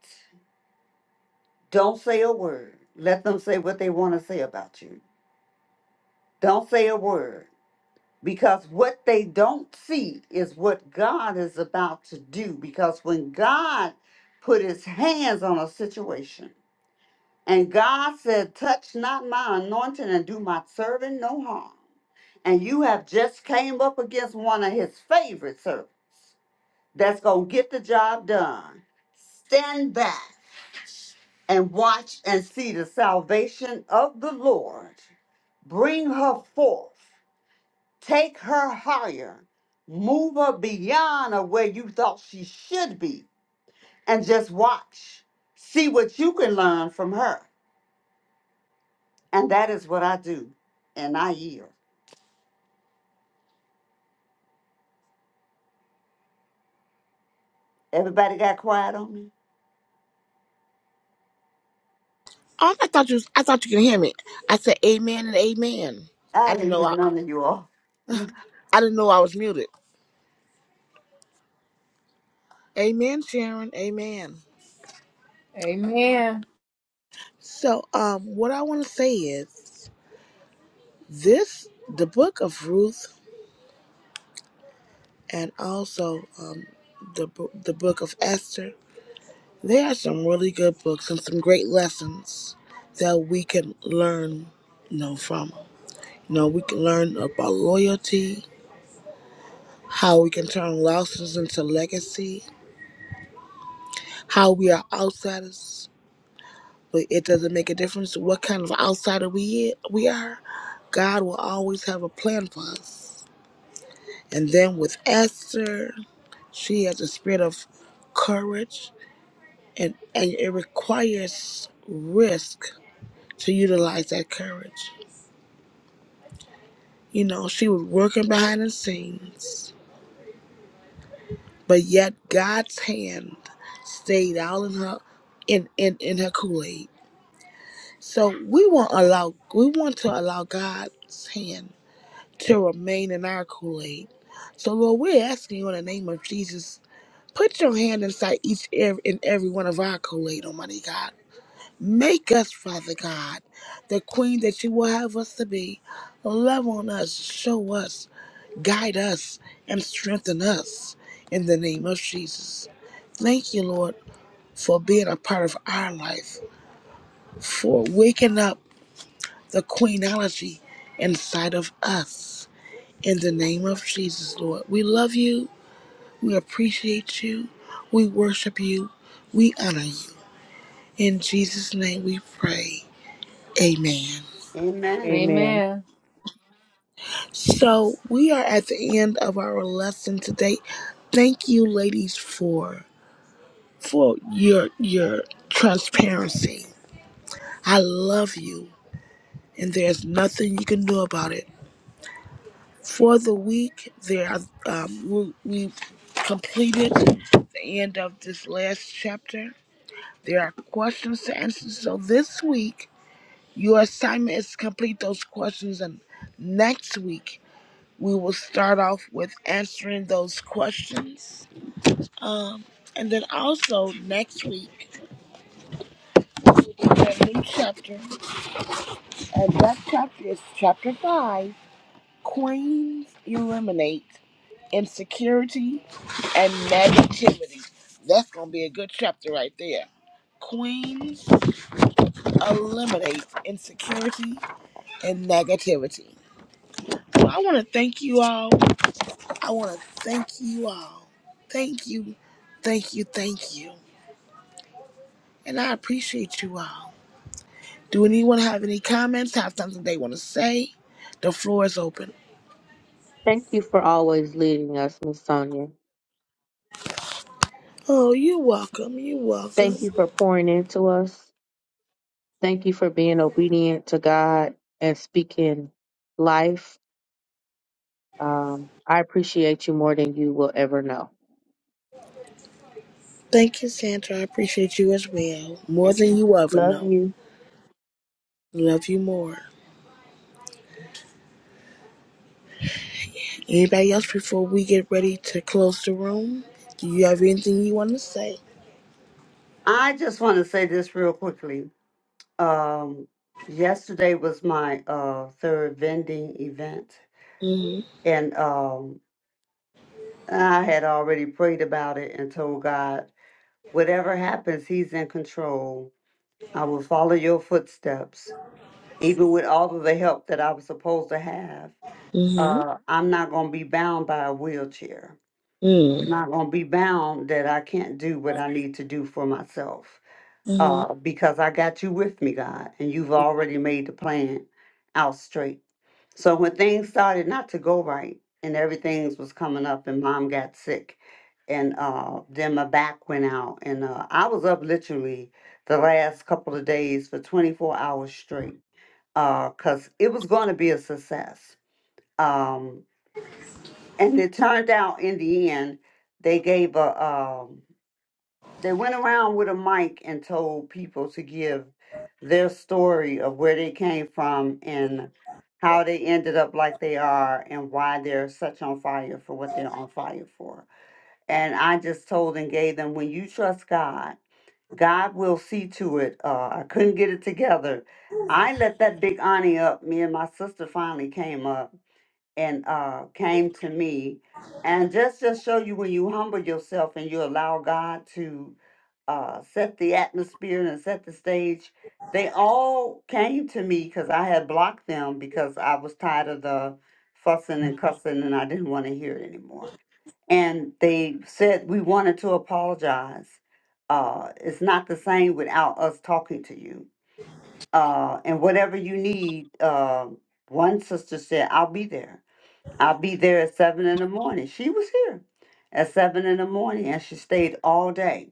Don't say a word. Let them say what they want to say about you. Don't say a word. Because what they don't see is what God is about to do. Because when God put his hands on a situation, And God said, Touch not my anointing and do my servant no harm. And you have just came up against one of his favorite servants that's going to get the job done. Stand back and watch and see the salvation of the Lord. Bring her forth, take her higher, move her beyond of where you thought she should be, and just watch. See what you can learn from her. And that is what I do. And I yield. Everybody got quiet on me? Oh, I thought you. Was, I thought you could hear me. I said Amen and Amen. I I didn't didn't know. I, hear none of you all. I didn't know I was muted. Amen, Sharon. Amen. Amen. So, um, what I want to say is. This, the book of Ruth, and also um, the the book of Esther. They are some really good books and some great lessons that we can learn, you know, from. You know, we can learn about loyalty, how we can turn losses into legacy, how we are outsiders, but it doesn't make a difference what kind of outsider we we are. God will always have a plan for us. And then with Esther, she has a spirit of courage, and, and it requires risk to utilize that courage. You know, she was working behind the scenes, but yet God's hand stayed all in her in, in, in her Kool-Aid. So we want allow we want to allow God's hand to remain in our Kool-Aid. So Lord, we're asking you in the name of Jesus Put your hand inside each ev- and every one of our Kool-Aid, Almighty God. Make us, Father God, the queen that you will have us to be. Love on us, show us, guide us, and strengthen us in the name of Jesus. Thank you, Lord, for being a part of our life, for waking up the queenology inside of us. In the name of Jesus, Lord, we love you. We appreciate you. We worship you. We honor you. In Jesus' name we pray. Amen. Amen. Amen. Amen. So we are at the end of our lesson today. Thank you, ladies, for for your your transparency. I love you, and there's nothing you can do about it. For the week, there are, um, we, we completed the end of this last chapter. There are questions to answer. So this week, your assignment is to complete those questions, and next week we will start off with answering those questions. Um, and then also next week, we have a new chapter. And that chapter is chapter five Queens Eliminate Insecurity and Negativity. That's going to be a good chapter right there. Queens eliminate insecurity and negativity. So I want to thank you all. I want to thank you all. Thank you, thank you, thank you. And I appreciate you all. Do anyone have any comments? Have something they want to say? The floor is open. Thank you for always leading us, Miss Sonia. Oh, you're welcome. You're welcome. Thank you for pouring into us. Thank you for being obedient to God and speaking life. Um, I appreciate you more than you will ever know. Thank you, Sandra. I appreciate you as well. More than Amen. you ever Love know. you. Love you more. Anybody else before we get ready to close the room? Do you have anything you want to say? I just want to say this real quickly. Um, yesterday was my uh, third vending event, Mm-hmm. and um, I had already prayed about it and told God, whatever happens, He's in control. I will follow your footsteps, even with all of the help that I was supposed to have. Mm-hmm. uh, I'm not going to be bound by a wheelchair. I'm Mm-hmm. not going to be bound that I can't do what I need to do for myself mm-hmm. uh, because I got you with me, God, and you've already made the plan out straight. So when things started not to go right and everything was coming up, and mom got sick, and uh, then my back went out, and uh, I was up literally the last couple of days for 24 hours straight because it was going to be a success. Um. and it turned out in the end they gave a um they went around with a mic and told people to give their story of where they came from and how they ended up like they are and why they're such on fire for what they're on fire for. And I just told and gave them when you trust God, God will see to it. Uh, I couldn't get it together. I let that big Ani up. Me and my sister finally came up and uh, came to me. And just to show you when you humble yourself and you allow God to uh, set the atmosphere and set the stage, they all came to me because I had blocked them because I was tired of the fussing and cussing and I didn't want to hear it anymore. And they said we wanted to apologize. Uh, it's not the same without us talking to you. Uh, and whatever you need, uh, one sister said, I'll be there I'll be there at seven in the morning. She was here at seven in the morning and she stayed all day.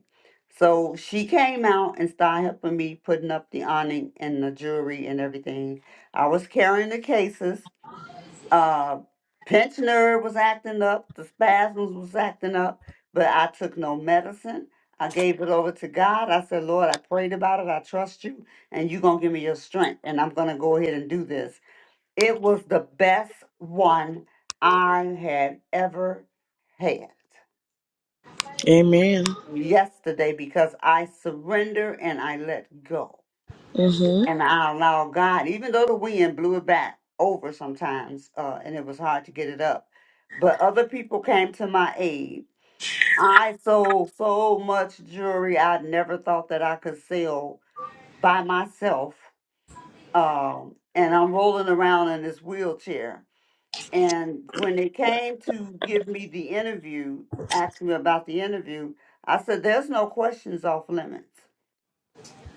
So she came out and started helping me putting up the awning and the jewelry and everything. I was carrying the cases. Uh pensioner was acting up, the spasms was acting up, but I took no medicine. I gave it over to God. I said, Lord, I prayed about it. I trust you, and you're going to give me your strength, and I'm going to go ahead and do this. It was the best one I had ever had Amen. yesterday because I surrender and I let go. Mm-hmm. And I allow God, even though the wind blew it back over sometimes uh, and it was hard to get it up, but other people came to my aid. I sold so much jewelry I never thought that I could sell by myself. Um, and I'm rolling around in this wheelchair And when they came to give me the interview, ask me about the interview, I said, There's no questions off limits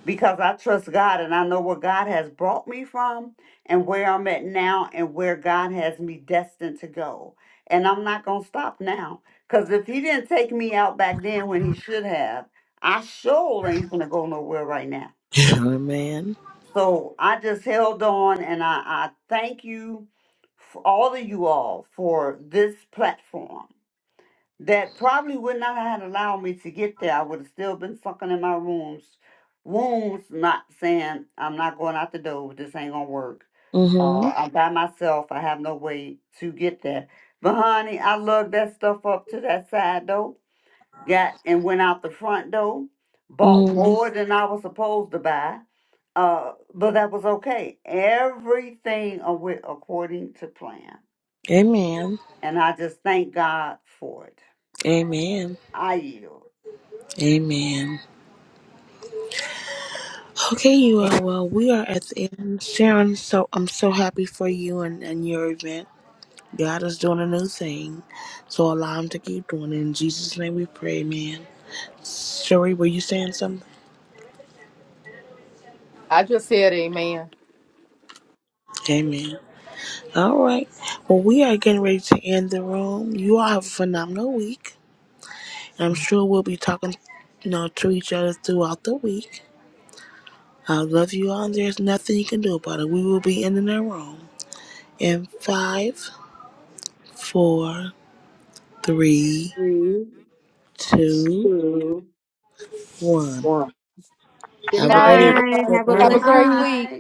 because I trust God and I know where God has brought me from and where I'm at now and where God has me destined to go. And I'm not going to stop now because if He didn't take me out back then when He should have, I sure ain't going to go nowhere right now. Amen. So I just held on and I, I thank you, for all of you all, for this platform that probably would not have allowed me to get there. I would have still been sucking in my rooms, wounds, not saying I'm not going out the door, this ain't gonna work. Uh, Mm-hmm. I'm by myself, I have no way to get there. But honey, I love that stuff up to that side though got and went out the front door, bought Mm-hmm. more than I was supposed to buy, uh, but that was okay. Everything a- went according to plan, Amen. and I just thank God for it. Amen. I yield. Amen. Okay, you are. Well, we are at the end. Sharon, so I'm so happy for you and, and your event. God is doing a new thing. So allow him to keep doing it. In Jesus' name we pray, man. Sherry, were you saying something? I just said amen. Amen. All right. Well, we are getting ready to end the room. You all have a phenomenal week. I'm sure we'll be talking you know, to each other throughout the week. I love you all. and There's nothing you can do about it. We will be ending the room in five, four, three, Three, two, two, one. one. Good Have a good Bye, evening. night. everybody. Good Have a Have a Good night. blessed great week. week. night.